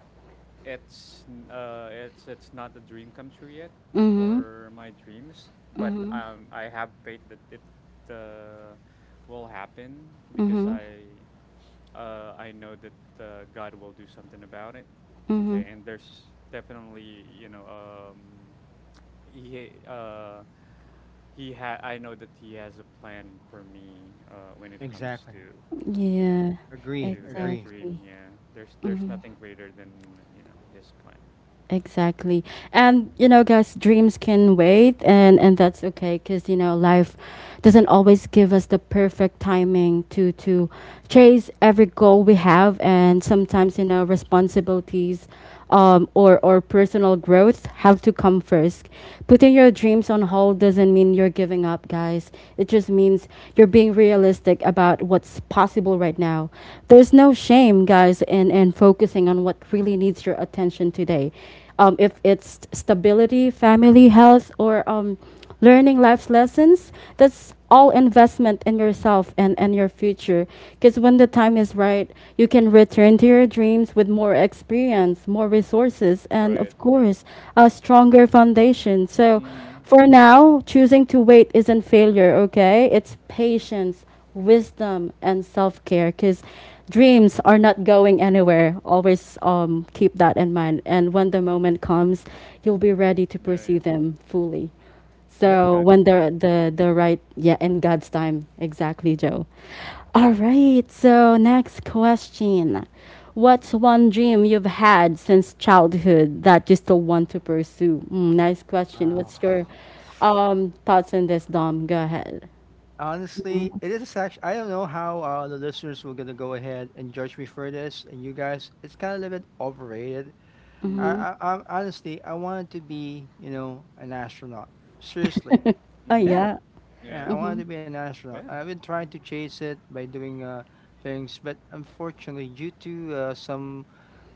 Speaker 2: it's not a dream come true yet
Speaker 1: Mm-hmm.
Speaker 2: for my dreams, but
Speaker 1: Mm-hmm.
Speaker 2: I have faith that it uh will happen because
Speaker 1: Mhm.
Speaker 2: I know that God will do something about it.
Speaker 1: Mhm.
Speaker 2: Okay, and there's definitely you know he uh he had I know that he has a plan for me when it comes
Speaker 3: Exactly.
Speaker 2: to you know
Speaker 1: Yeah,
Speaker 3: Agree,
Speaker 2: to that
Speaker 3: agree.
Speaker 2: dream.
Speaker 1: exactly.
Speaker 2: Yeah, there's nothing greater than you know his plan.
Speaker 1: Exactly. And you know, guys, dreams can wait, and that's okay, cuz you know, life doesn't always give us the perfect timing to chase every goal we have. And sometimes, you know, responsibilities or personal growth have to come first. Putting your dreams on hold doesn't mean you're giving up, guys. It just means you're being realistic about what's possible right now. There's no shame, guys, in and focusing on what really needs your attention today. If it's stability, family, health, or learning life's lessons, that's all investment in yourself and your future. Because when the time is right, you can return to your dreams with more experience, more resources, and
Speaker 2: Right,
Speaker 1: of
Speaker 2: right.
Speaker 1: course, a stronger foundation. So
Speaker 2: Mm-hmm.
Speaker 1: for now, choosing to wait isn't failure, okay? It's patience, wisdom, and self-care, because dreams are not going anywhere. Always, keep that in mind, and when the moment comes, you'll be ready to
Speaker 2: Yeah,
Speaker 1: pursue
Speaker 2: yeah.
Speaker 1: them fully.
Speaker 3: Yep.
Speaker 1: So
Speaker 2: God's
Speaker 1: when the
Speaker 2: time, yeah.
Speaker 1: the the right, yeah, in God's time. Exactly, Joe. All right, so next question. What's one dream you've had since childhood that you still want to pursue? Mm, nice question.
Speaker 3: Wow.
Speaker 1: What's your thoughts on this, Dom? Go ahead.
Speaker 3: Honestly, it is actually. I don't know how the listeners were gonna go ahead and judge me for this, and you guys, it's kind of a little bit overrated. I,
Speaker 1: Mm-hmm.
Speaker 2: Mm-hmm.
Speaker 3: I, I'm honestly, I wanted to be, you know, an astronaut. Seriously,
Speaker 1: Oh
Speaker 2: Mm-hmm.
Speaker 3: yeah,
Speaker 1: yeah.
Speaker 2: Yeah.
Speaker 3: yeah, I
Speaker 1: Mhm,
Speaker 3: wanted to be an astronaut.
Speaker 2: Yeah.
Speaker 3: I've been trying
Speaker 2: Mm.
Speaker 3: to chase it by doing things, but unfortunately, due to some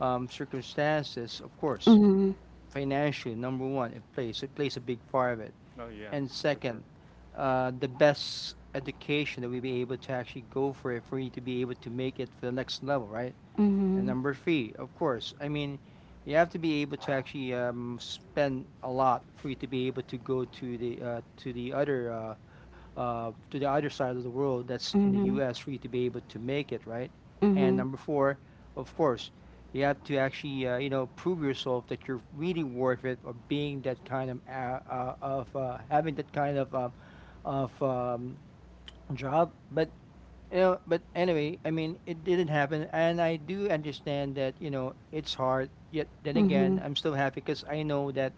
Speaker 3: circumstances, of course,
Speaker 1: mhm,
Speaker 3: financially, number one, it plays a big part of it.
Speaker 2: Oh yeah,
Speaker 3: And
Speaker 2: for
Speaker 3: second,
Speaker 2: sure.
Speaker 3: the best education that we be able to actually go for it for you to be able to make it for the next level, right? And
Speaker 1: mhm,
Speaker 3: number three, of course, I mean, you have to be able to actually spend a lot for you to be able to go to the other side of the world that's in the
Speaker 1: mhm,
Speaker 3: U.S. for you to be able to make it right. And
Speaker 1: mhm,
Speaker 3: number four, of course, you have to actually you know prove yourself that you're really worth it of being that kind of having that kind of of um, job. But you know, but anyway, I mean, it didn't happen, and I do understand that you know it's hard. Yet then
Speaker 1: mhm,
Speaker 3: again,
Speaker 1: mhm,
Speaker 3: I'm still happy because I know that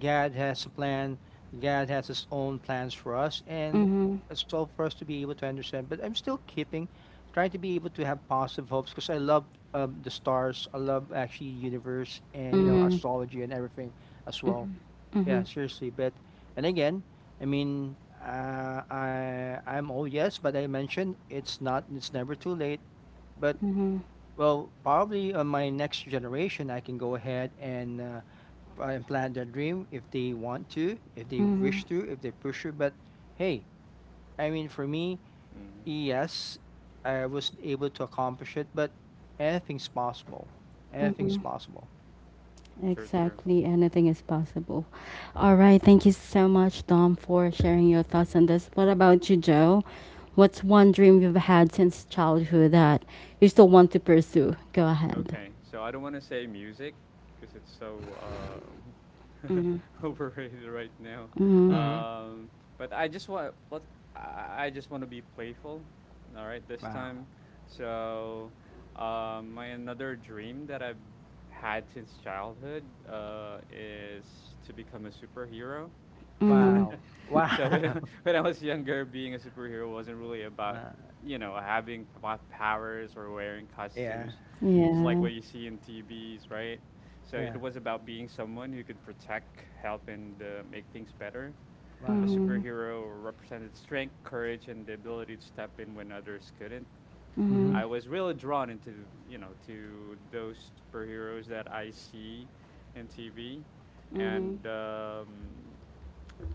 Speaker 3: God has a plan. God has His own plans for us, and
Speaker 1: mhm,
Speaker 3: it's all for us to be able to understand. But I'm still keeping, trying to be able to have positive hopes because I love the stars. I love actually universe and you know
Speaker 1: mhm,
Speaker 3: astrology and everything as well. Yeah, seriously. But and again, I mean, I'm old, yes, but I mentioned it's never too late. But
Speaker 1: mhm,
Speaker 3: well, probably on my next generation, I can go ahead and implant their dream if they want to, if they
Speaker 1: mhm,
Speaker 3: wish to, if they push it. But hey, I mean, for me,
Speaker 2: Mm-hmm.
Speaker 3: yes, I was able to accomplish it. But anything's possible. Anything's
Speaker 1: mhm.
Speaker 3: possible.
Speaker 2: Sure, sure.
Speaker 1: Exactly, anything is possible. All right, thank you so much, Dom, for sharing your thoughts on this. What about you, Joe? What's one dream you've had since childhood that you still want to pursue? Go ahead.
Speaker 2: Okay, so I don't want to say music because it's so um,
Speaker 1: Mhm,
Speaker 2: overrated right now.
Speaker 1: mhm,
Speaker 3: Mm-hmm.
Speaker 2: Um, but I just want let I just want to be playful. All right, this
Speaker 3: Wow.
Speaker 2: time. So my another dream that I've had since childhood is to become a superhero.
Speaker 1: mhm,
Speaker 3: Wow. Wow.
Speaker 2: so when I, when I was younger, being a superhero wasn't really
Speaker 3: Wow.
Speaker 2: about having powers or wearing
Speaker 3: Yeah.
Speaker 2: costumes, just like
Speaker 1: yeah.
Speaker 2: what you see in TVs, right? So
Speaker 3: Yeah.
Speaker 2: it was about being someone who could protect, help, and make things better. A
Speaker 3: Wow.
Speaker 1: Mhm,
Speaker 2: superhero represented strength, courage, and the ability to step in when others couldn't.
Speaker 3: Mm-hmm.
Speaker 1: mhm,
Speaker 2: I was really drawn into to those superheroes that I see in TV,
Speaker 1: mhm,
Speaker 2: and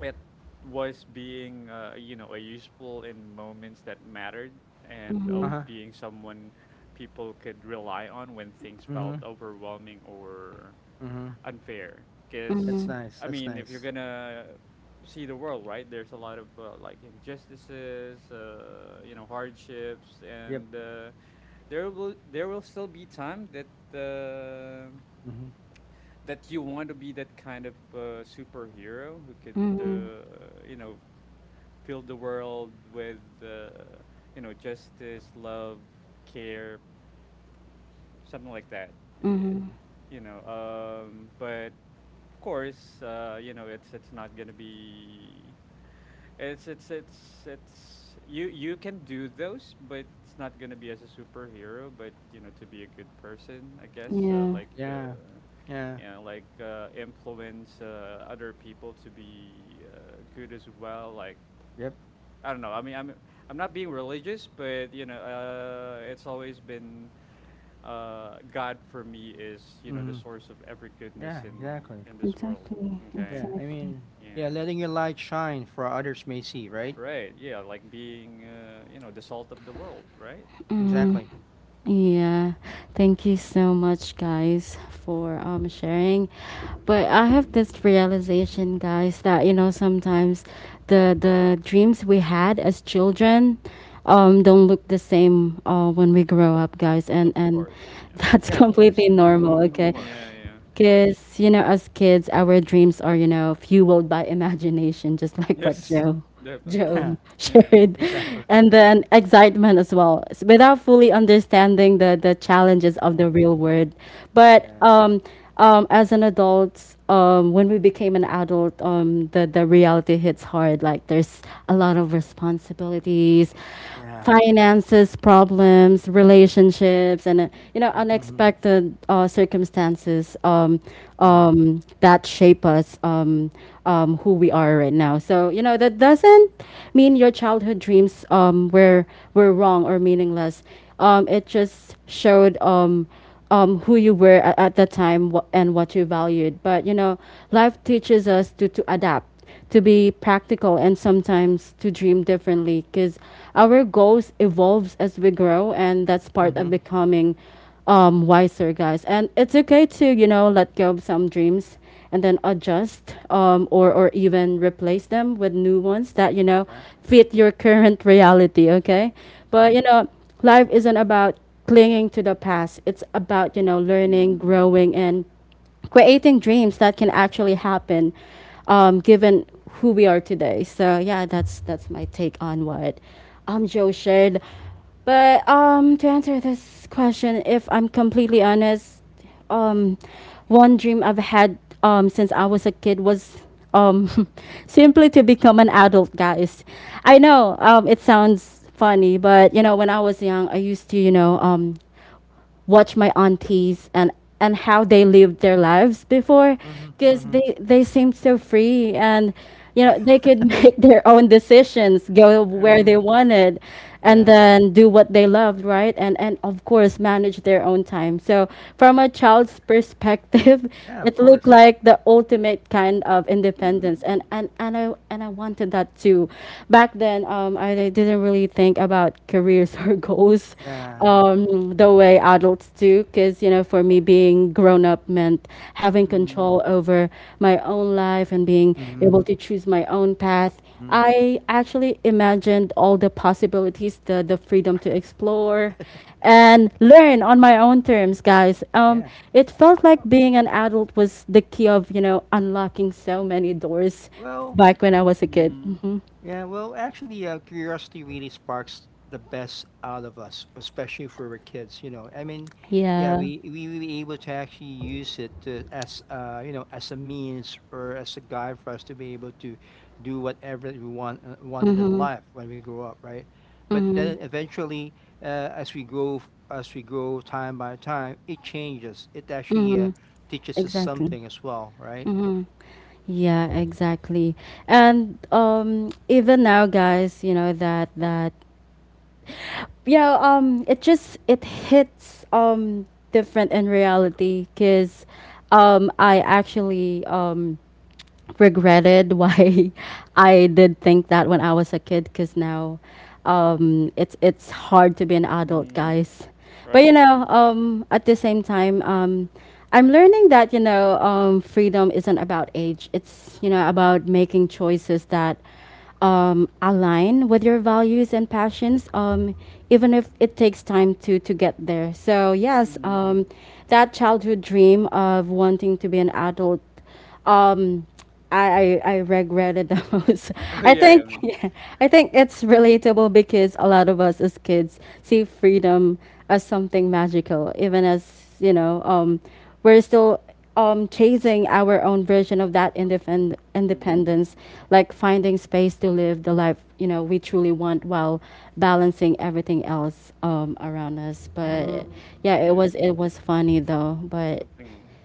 Speaker 2: it was being a useful in moments that mattered and of
Speaker 1: mhm,
Speaker 3: Uh-huh.
Speaker 2: being someone people could rely on when things felt
Speaker 3: Mhm,
Speaker 2: overwhelming or
Speaker 3: mhm.
Speaker 2: unfair
Speaker 3: That's
Speaker 2: because
Speaker 1: mhm,
Speaker 3: nice,
Speaker 2: I
Speaker 3: that's
Speaker 2: mean if you're
Speaker 3: nice.
Speaker 2: gonna see the world, right, there's a lot of like injustices, you know, hardships,
Speaker 3: Yep,
Speaker 2: and there will still be time that
Speaker 3: mhm.
Speaker 2: that you want to be that kind of superhero who could,
Speaker 1: mhm.
Speaker 2: you know, fill the world with you know, justice, love, care, something like that. Eh,
Speaker 1: Mhm.
Speaker 2: You know, but of course, you know it's not gonna be it's you can do those, but it's not gonna be as a superhero. But you know, to be a good person, I guess,
Speaker 1: Yeah.
Speaker 2: like
Speaker 3: Yeah, yeah,
Speaker 2: you know, like influence other people to be good as well, like
Speaker 3: yep,
Speaker 2: I don't know. I mean, I'm not being religious, but you know, it's always been God. For me is, you know, the
Speaker 3: mhm.
Speaker 2: source of every
Speaker 3: Yeah,
Speaker 2: goodness in
Speaker 3: exactly.
Speaker 2: this world.
Speaker 1: Exactly.
Speaker 2: Okay,
Speaker 3: Yeah, I
Speaker 1: Exactly.
Speaker 3: mean, yeah,
Speaker 2: yeah,
Speaker 3: letting your light shine for others may see, right?
Speaker 2: right, yeah, like being, you know, the salt of the world, right?
Speaker 3: Exactly.
Speaker 1: Mm, yeah. Thank you so much, guys, for sharing. But I have this realization, guys, that you know sometimes the dreams we had as children, don't look the same when we grow up, guys,
Speaker 2: Of
Speaker 1: and
Speaker 2: course, yeah.
Speaker 1: that's
Speaker 3: Yeah, of course,
Speaker 1: completely
Speaker 3: of
Speaker 1: normal. Okay.
Speaker 2: Mhm,
Speaker 3: course,
Speaker 2: yeah, yeah,
Speaker 3: of course.
Speaker 1: Because, you know, as kids, our dreams are, you know, fueled by imagination, just like what
Speaker 2: yes,
Speaker 1: Joe
Speaker 2: definitely,
Speaker 3: Yeah,
Speaker 1: Joe
Speaker 2: yeah, yeah.
Speaker 1: shared.
Speaker 3: exactly.
Speaker 1: And then excitement as well, without fully understanding the challenges of the real world. But
Speaker 3: Yeah,
Speaker 1: As an adult, when we became an adult, the reality hits hard. Like there's a lot of responsibilities,
Speaker 3: yeah.
Speaker 1: finances, problems, relationships, and you know,
Speaker 3: Mhm,
Speaker 1: unexpected circumstances,
Speaker 3: mhm,
Speaker 1: that shape us, who we are right now. So you know, that doesn't mean your childhood dreams, were wrong or meaningless. It just showed, who you were at the time, and what you valued. But you know, life teaches us to adapt, to be practical, and sometimes to dream differently, because our goals evolves as we grow, and that's part of
Speaker 3: mhm.
Speaker 1: becoming, wiser, guys. And it's okay to, you know, let go of some dreams and then adjust, or even replace them with new ones that you know
Speaker 3: Yeah,
Speaker 1: fit your current reality, okay?
Speaker 3: mhm,
Speaker 1: But you know, life isn't about clinging to the past. It's about, you know, learning,
Speaker 2: Mm-hmm.
Speaker 1: growing, and creating dreams that can actually happen, given who we are today. So yeah, that's my take on what Joe shared. But to answer this question, if I'm completely honest, um, one dream I've had, since I was a kid was, um, simply to become an adult, guys. I know, it sounds funny, but you know, when I was young, I used to, you know, watch my aunties and how they lived their lives before,
Speaker 3: mhm,
Speaker 1: because
Speaker 3: mhm.
Speaker 1: they seemed so free, and you know, they could make their own decisions, go
Speaker 3: I
Speaker 1: where they
Speaker 3: mean,
Speaker 1: wanted, and
Speaker 3: yeah,
Speaker 1: then do what they loved, right? And of course manage their own time. So from a child's perspective,
Speaker 3: yeah, of
Speaker 1: it looked
Speaker 3: course.
Speaker 1: like the ultimate kind of
Speaker 2: Mm-hmm.
Speaker 1: independence, and I wanted that too. Back then, I didn't really think about careers or goals,
Speaker 3: Yeah,
Speaker 1: the way adults do. Because, you know, for me, being grown up meant having
Speaker 2: Mm-hmm.
Speaker 1: control over my own life and being
Speaker 3: mhm,
Speaker 1: able to choose my own path.
Speaker 3: mhm.
Speaker 1: I actually imagined all the possibilities, the freedom to explore and learn on my own terms, guys.
Speaker 3: Yeah.
Speaker 1: It felt like
Speaker 3: Oh,
Speaker 1: being an adult was the key of, you know, unlocking so many doors
Speaker 3: well.
Speaker 1: back when I was a kid.
Speaker 2: Mm-hmm.
Speaker 1: Hmm.
Speaker 3: Yeah, well, actually, curiosity really sparks the best out of us, especially if we were kids. You know, I mean, yeah,
Speaker 1: Yeah.
Speaker 3: we will be able to actually use it to, as you know as a means or as a guide for us to be able to do whatever we want wanted in
Speaker 1: Mm-hmm.
Speaker 3: life when we grow up, right? But then
Speaker 1: Mm-hmm.
Speaker 3: eventually, uh, as we grow time by time, it changes. It actually
Speaker 1: Mm-hmm.
Speaker 3: teaches us
Speaker 1: Exactly.
Speaker 3: something as well, right?
Speaker 1: Mm-hmm. Yeah, exactly. And even now, guys, you know, that you know, it just it hits, different in reality, because I actually regretted why I did think that when I was a kid, because now, it's hard to be an adult,
Speaker 2: Mm-hmm.
Speaker 1: guys. But
Speaker 2: Right.
Speaker 1: you know, at the same time, I'm learning that you know, freedom isn't about age. It's, you know, about making choices that, align with your values and passions, even if it takes time to get there. So yes,
Speaker 2: Mm-hmm.
Speaker 1: that childhood dream of wanting to be an adult, um I regretted the most.
Speaker 2: Oh
Speaker 1: I
Speaker 2: yeah, I
Speaker 1: think
Speaker 2: mean.
Speaker 1: yeah, I think it's relatable because a lot of us as kids see freedom as something magical, even as, you know, we're still, chasing our own version of that
Speaker 2: Mm-hmm.
Speaker 1: independence, like finding space to live the life, you know, we truly want, while balancing everything else, around us. But yeah,
Speaker 2: Yeah.
Speaker 1: it was funny though. But
Speaker 2: Something wrong.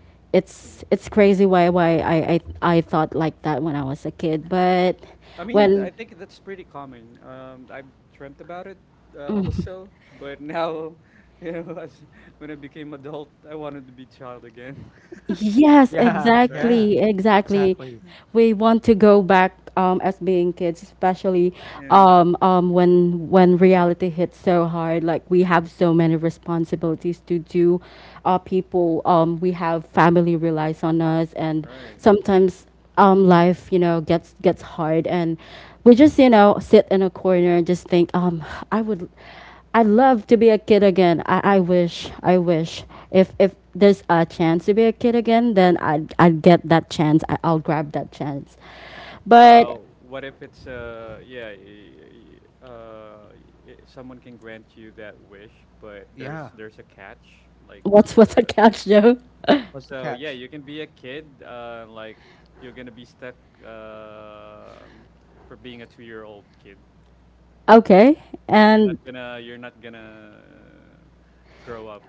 Speaker 2: Yeah.
Speaker 1: it's crazy why I thought like that when I was a kid. But
Speaker 2: I mean, I
Speaker 1: when,
Speaker 2: think that's pretty common. I've dreamt about it also, but now, you know, as when I became adult, I wanted to be child again.
Speaker 1: yes,
Speaker 3: Yeah,
Speaker 2: Right?
Speaker 3: yeah,
Speaker 1: exactly, exactly.
Speaker 3: exactly.
Speaker 1: We want to go back, as being kids, especially,
Speaker 2: Yeah.
Speaker 1: when reality hits so hard. Like we have so many responsibilities to do. People, we have family relies on us, and
Speaker 2: Right.
Speaker 1: sometimes, life, you know, gets gets hard, and we just, you know, sit in a corner and just think, I would. I'd love to be a kid again. I wish. I wish. If there's a chance to be a kid again, then I'd get that chance. I, I'll grab that chance. But
Speaker 2: What if it's yeah, someone can grant you that wish, but
Speaker 3: Yeah,
Speaker 2: there's a catch. Like,
Speaker 1: what's what's a
Speaker 2: uh,
Speaker 1: catch, Joe?
Speaker 3: what's the
Speaker 2: so yeah,
Speaker 3: catch?
Speaker 2: you can be a kid. Like you're gonna be stuck uh, for being a two-year-old kid.
Speaker 1: Okay. And
Speaker 2: You're not gonna grow up.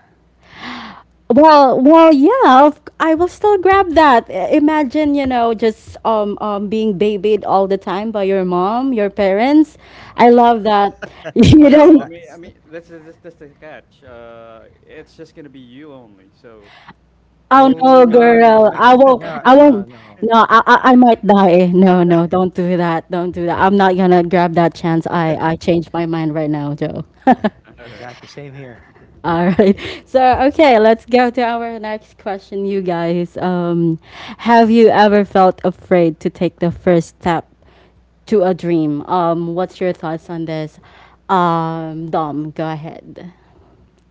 Speaker 1: well, well, yeah, of- I will still grab that. I- Imagine, you know, just being babied all the time by your mom, your parents.
Speaker 3: Oh,
Speaker 1: I love that.
Speaker 2: Oh
Speaker 1: You
Speaker 3: that's
Speaker 2: no,
Speaker 3: not.
Speaker 2: I
Speaker 1: don't,
Speaker 2: mean I mean that's the catch. It's just gonna be you only. So they're
Speaker 1: oh
Speaker 2: gonna be
Speaker 1: no,
Speaker 2: gone and
Speaker 1: girl.
Speaker 3: Oh,
Speaker 1: I won't.
Speaker 3: yeah,
Speaker 1: I
Speaker 3: no,
Speaker 1: won't. No, I might die. No, no, don't do that. Don't do that. I'm not gonna grab that chance. I changed my mind right now, Joe.
Speaker 3: yeah,
Speaker 2: all right.
Speaker 3: exactly, same here.
Speaker 1: All right. So okay, let's go to our next question, you guys. Have you ever felt afraid to take the first step to a dream? What's your thoughts on this? Dom, go ahead.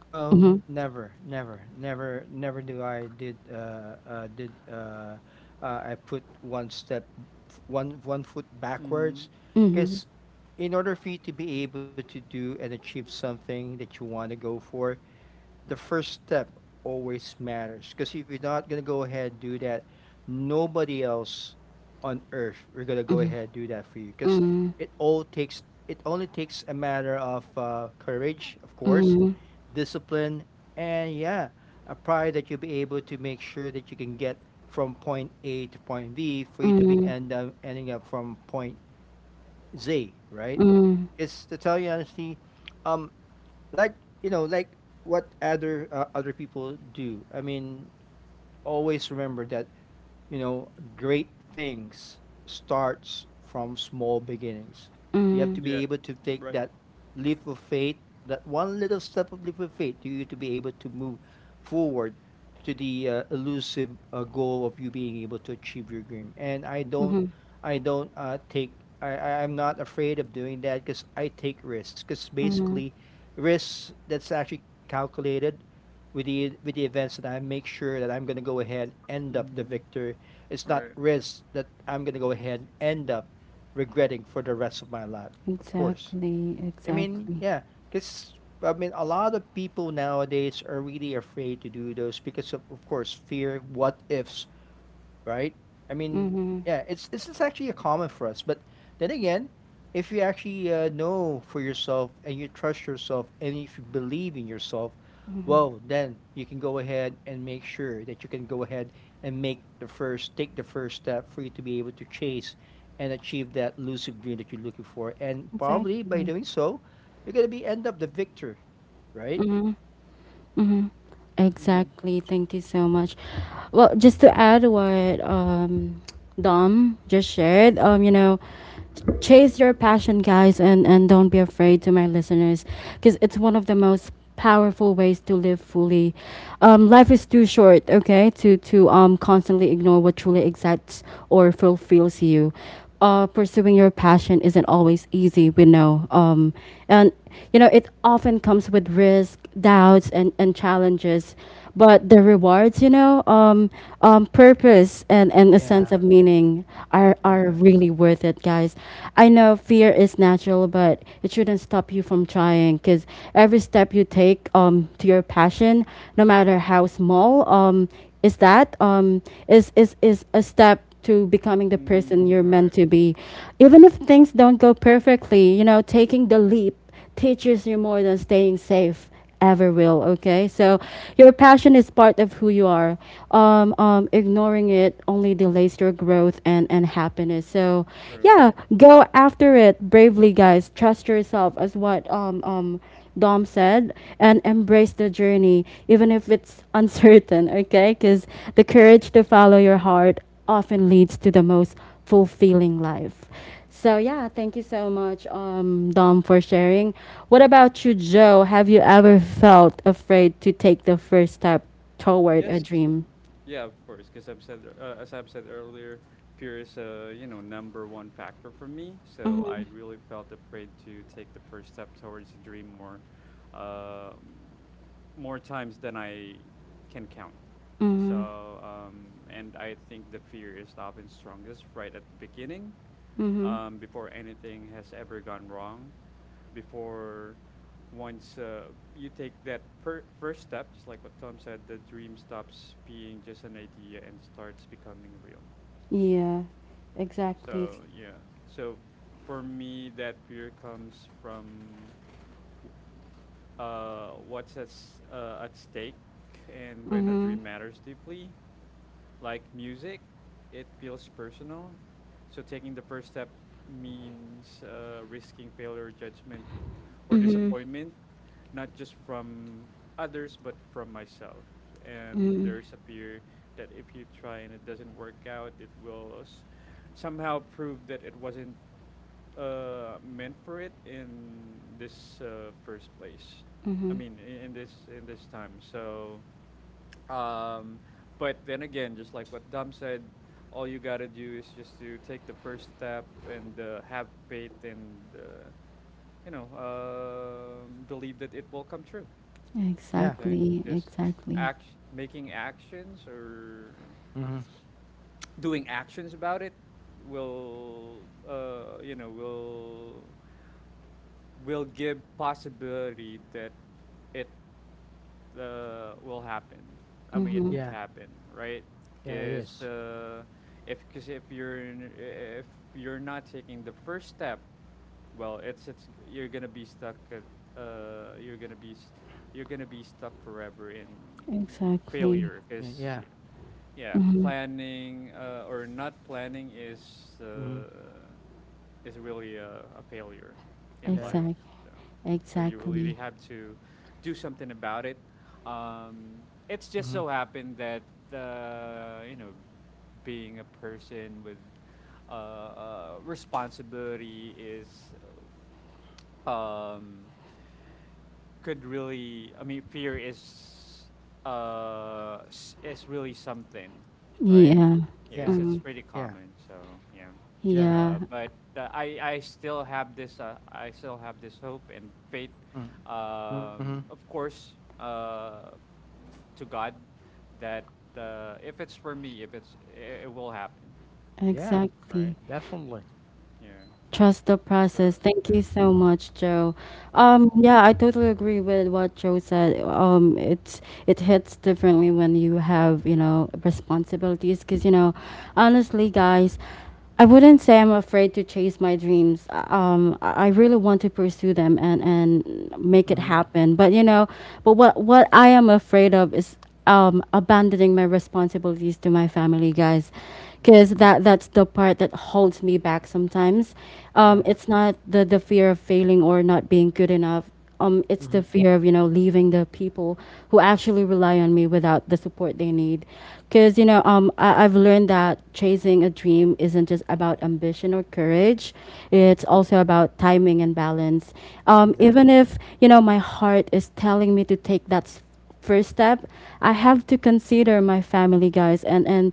Speaker 3: Well,
Speaker 1: Mm-hmm.
Speaker 3: never, never, never, never do I did, I put one step, f- one, one foot
Speaker 2: Mm-hmm.
Speaker 3: backwards,
Speaker 1: Mm-hmm.
Speaker 3: because in order for you to be able to do and achieve something that you want to go for, the first step always matters. Because if you're not going to go ahead and do that, nobody else on earth we're going to go ahead and do that for you, because
Speaker 1: Mm-hmm.
Speaker 3: it all takes it only takes a matter of courage, of course,
Speaker 1: Mm-hmm.
Speaker 3: discipline, and yeah, a pride that you'll be able to make sure that you can get from point a to point b for you to be
Speaker 1: Mm-hmm.
Speaker 3: end up ending up from point z, right?
Speaker 1: Mm-hmm.
Speaker 3: It's to tell you honestly, um like you know like what other other people do. I mean, always remember that you know, great things starts from small beginnings. You have to
Speaker 2: Yeah.
Speaker 3: be able to take
Speaker 2: Right.
Speaker 3: that leap of faith, that one little step of leap of faith to you to be able to move forward to the elusive goal of you being able to achieve your dream. And
Speaker 1: Mm-hmm.
Speaker 3: I don't take, I- I'm not afraid of doing that because I take risks. Because
Speaker 1: Mhm.
Speaker 3: basically, risks that's actually calculated with the events that I make sure that I'm gonna go ahead, end up the
Speaker 2: Mm-hmm.
Speaker 3: victor. It's not
Speaker 2: Right.
Speaker 3: risk that I'm gonna go ahead and end up regretting for the rest of my life, of course.
Speaker 1: Exactly,
Speaker 3: I mean,
Speaker 1: exactly.
Speaker 3: yeah, because I mean, a lot of people nowadays are really afraid to do those because of course, fear, what ifs, right? I mean,
Speaker 1: Mhm.
Speaker 3: yeah, it's this is actually a common for us. But then again, if you actually know for yourself and you trust yourself and if you believe in yourself, well, then you can go ahead and make sure that you can go ahead and make the first, take the first step for you to be able to chase and achieve that lucid dream that you're looking for. And probably by
Speaker 1: Exactly.
Speaker 3: doing so, you're gonna be end up the victor, right?
Speaker 1: Mhm. Mhm.
Speaker 2: Mm-hmm.
Speaker 1: Exactly. Thank you so much. Well, just to add what Dom just shared, you know, chase your passion, guys, and don't be afraid, to my listeners, because it's one of the most powerful ways to live fully. Life is too short, okay, to to constantly ignore what truly excites or fulfills you. Uh, pursuing your passion isn't always easy. We know, and you know, it often comes with risk, doubts, and challenges. But the rewards, you know, purpose and a
Speaker 3: Yeah,
Speaker 1: sense of meaning, are
Speaker 3: yeah,
Speaker 1: really worth it, guys. I know fear is natural, but it shouldn't stop you from trying. Because every step you take, to your passion, no matter how small, is that is is a step to becoming the person
Speaker 2: Mm-hmm.
Speaker 1: you're meant
Speaker 2: Right.
Speaker 1: to be. Even if things don't go perfectly, you know, taking the leap teaches you more than staying safe ever will. Okay, so your passion is part of who you are. Ignoring it only delays your growth and happiness, so
Speaker 2: True.
Speaker 1: yeah, go after it bravely, guys. Trust yourself, as what Dom said, and embrace the journey even if it's uncertain. Okay, because the courage to follow your heart often leads to the most fulfilling life. So yeah, thank you so much, Dom, for sharing. What about you, Joe? Have you ever felt afraid to take the first step toward a
Speaker 2: Yes.
Speaker 1: dream?
Speaker 2: Yeah, of course. Because I've said, as I've said earlier, fear is a, you know, number one factor for me. So I
Speaker 1: Mm-hmm.
Speaker 2: really felt afraid to take the first step towards a dream more, uh, more times than I can count.
Speaker 1: Mm-hmm.
Speaker 2: So and I think the fear is often strongest right at the beginning,
Speaker 1: Mm-hmm.
Speaker 2: before anything has ever gone wrong, before once you take that first step, just like what Tom said, the dream stops being just an idea and starts becoming real.
Speaker 1: Yeah, exactly.
Speaker 2: So yeah, so for me, that fear comes from what's at, at stake and when a
Speaker 1: Mm-hmm.
Speaker 2: dream matters deeply. Like music, it feels personal. So taking the first step means, risking failure, judgment, or
Speaker 1: Mm-hmm.
Speaker 2: disappointment, not just from others but from myself. And
Speaker 1: Mm-hmm.
Speaker 2: there's a fear that if you try and it doesn't work out, it will somehow prove that it wasn't meant for it in this first place. I
Speaker 1: Mm-hmm.
Speaker 2: mean, in this, in this time. So um but then again, just like what Dom said, all you gotta do is just to take the first step and have faith and you know, believe that it will come true.
Speaker 3: yeah,
Speaker 2: Okay.
Speaker 1: Exactly.
Speaker 2: Just
Speaker 1: Exactly.
Speaker 2: act. Making actions or
Speaker 3: hmm
Speaker 2: doing actions about it will, you know, will give possibility that it will happen. I mean, it
Speaker 1: Mm-hmm.
Speaker 2: could
Speaker 3: yeah,
Speaker 2: happen, right?
Speaker 3: yeah. It
Speaker 2: Cuz
Speaker 3: is.
Speaker 2: if cuz if you're if you're not taking the first step, well, it's you're gonna be stuck at, you're gonna be you're gonna be stuck forever in
Speaker 1: Exactly.
Speaker 2: failure.
Speaker 3: Yeah,
Speaker 2: Because
Speaker 3: yeah.
Speaker 2: yeah,
Speaker 1: Mm-hmm.
Speaker 2: planning, or not planning is,
Speaker 3: hmm
Speaker 2: uh, is really a failure in
Speaker 3: yeah.
Speaker 2: life.
Speaker 1: Exact.
Speaker 2: So so you really
Speaker 1: Exactly.
Speaker 2: have to do something about it. um it's just
Speaker 3: Mhm.
Speaker 2: so happened that, you know, being a person with responsibility is, um, could really. I mean, fear is, is really something, right?
Speaker 1: Yeah.
Speaker 2: Yeah,
Speaker 3: Yeah,
Speaker 1: Mm-hmm.
Speaker 2: it's pretty
Speaker 3: yeah,
Speaker 2: common. So yeah,
Speaker 3: yeah.
Speaker 1: Yeah,
Speaker 2: but uh, I still have this, I still have this hope and faith,
Speaker 3: Mm, mhm.
Speaker 2: of course, to God, that if it's for me, if it's it, it will happen,
Speaker 3: Yeah,
Speaker 1: exactly.
Speaker 2: right?
Speaker 3: definitely.
Speaker 2: Yeah.
Speaker 1: Trust the
Speaker 2: So
Speaker 1: process. Thank
Speaker 2: yeah.
Speaker 1: you so much, Joe.
Speaker 2: Mm-hmm.
Speaker 1: Yeah, I totally agree with what Joe said. It's it hits differently when you have, you know, responsibilities. Because, you know, honestly, guys, I wouldn't say I'm afraid to chase my dreams. I really want to pursue them and make it
Speaker 3: Mhm,
Speaker 1: happen. But you know, but what I am afraid of is abandoning my responsibilities to my family, guys,
Speaker 3: mhm.
Speaker 1: because that's the part that holds me back sometimes.
Speaker 3: Yeah.
Speaker 1: It's not the fear of failing or not being good enough.
Speaker 3: Mhm,
Speaker 1: It's the fear of, you know, leaving the people who actually rely on me without the support they need, because I've learned that chasing a dream isn't just about ambition or courage.
Speaker 3: mhm.
Speaker 1: It's also about timing and balance.
Speaker 3: Exactly.
Speaker 1: Even if, you know, my heart is telling me to take first step, I have to consider my family, guys, and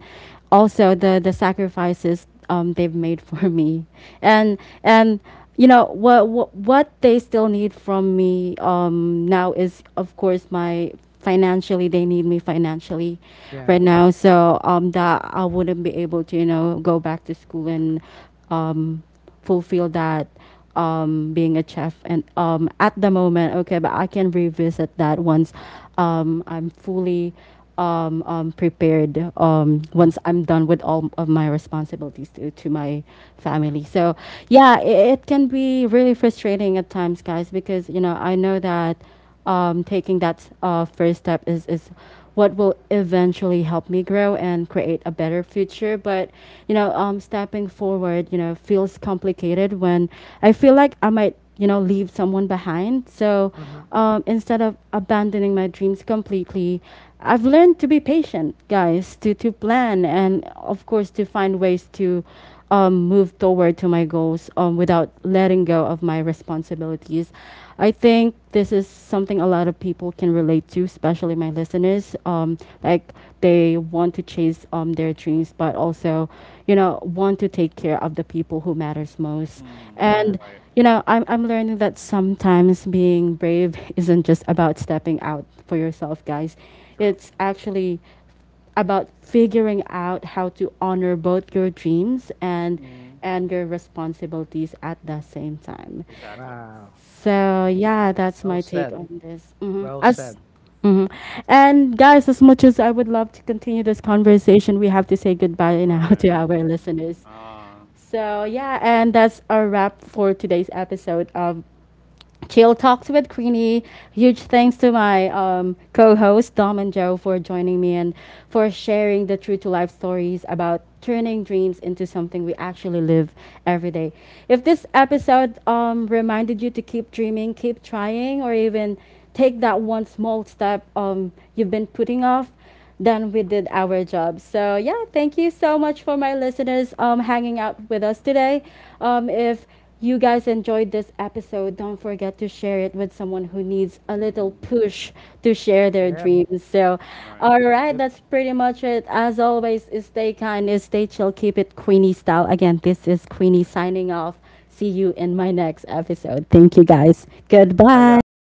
Speaker 1: also the sacrifices they've made for me, and and you know what they still need from me now is, of course, my— financially, they need me financially
Speaker 3: Yeah.
Speaker 1: right now. So that, I wouldn't be able to, you know, go back to school and um, fulfill that, being a chef, and at the moment. Okay, but I can revisit that once I'm fully prepared, once I'm done with all of my responsibilities to my family. So yeah, it can be really frustrating at times, guys, because, you know, I know that taking that first step is what will eventually help me grow and create a better future. But, you know, stepping forward, you know, feels complicated when I feel like I might, you know, leave someone behind. So
Speaker 3: Mhm.
Speaker 1: instead of abandoning my dreams completely, I've learned to be patient, guys, to plan, and of course to find ways to move toward to my goals without letting go of my responsibilities. I think this is something a lot of people can relate to, especially my listeners. Like, they want to chase their dreams, but also, you know, want to take care of the people who matters most.
Speaker 2: Mm-hmm.
Speaker 3: Yeah.
Speaker 1: And
Speaker 2: Right.
Speaker 1: you know, I'm learning that sometimes being brave isn't just about stepping out for yourself, guys.
Speaker 2: True.
Speaker 1: It's actually about figuring out how to honor both your dreams and
Speaker 2: Mm-hmm.
Speaker 1: and your responsibilities at the same time.
Speaker 2: Exactly.
Speaker 3: Wow.
Speaker 2: Yeah.
Speaker 1: So yeah,
Speaker 3: Well
Speaker 1: that's my
Speaker 3: said.
Speaker 1: take on this.
Speaker 3: Well said.
Speaker 1: As hmm and guys, as much as I would love to continue this conversation, we have to say goodbye now to
Speaker 2: Right.
Speaker 1: our
Speaker 2: Mm,
Speaker 1: listeners.
Speaker 2: ah.
Speaker 1: So yeah, and that's our wrap for today's episode of Chill Talks with Queenie. Huge thanks to my co host, Dom and Joe, for joining me and for sharing the true to life stories about turning dreams into something we actually live every day. If this episode reminded you to keep dreaming, keep trying, or even take that one small step you've been putting off, then we did our job. So yeah, thank you so much for my listeners hanging out with us today. If you guys enjoyed this episode, don't forget to share it with someone who needs a little
Speaker 2: Hmm.
Speaker 1: push to share
Speaker 3: Yep,
Speaker 1: their dreams. So,
Speaker 2: Right.
Speaker 1: all
Speaker 3: yep.
Speaker 1: right, that's pretty much it. As always, stay kind, stay chill, keep it Queenie style. Again, this is Queenie signing off. See you in my next episode. Thank you, guys.
Speaker 3: Bye, guys.
Speaker 1: Goodbye.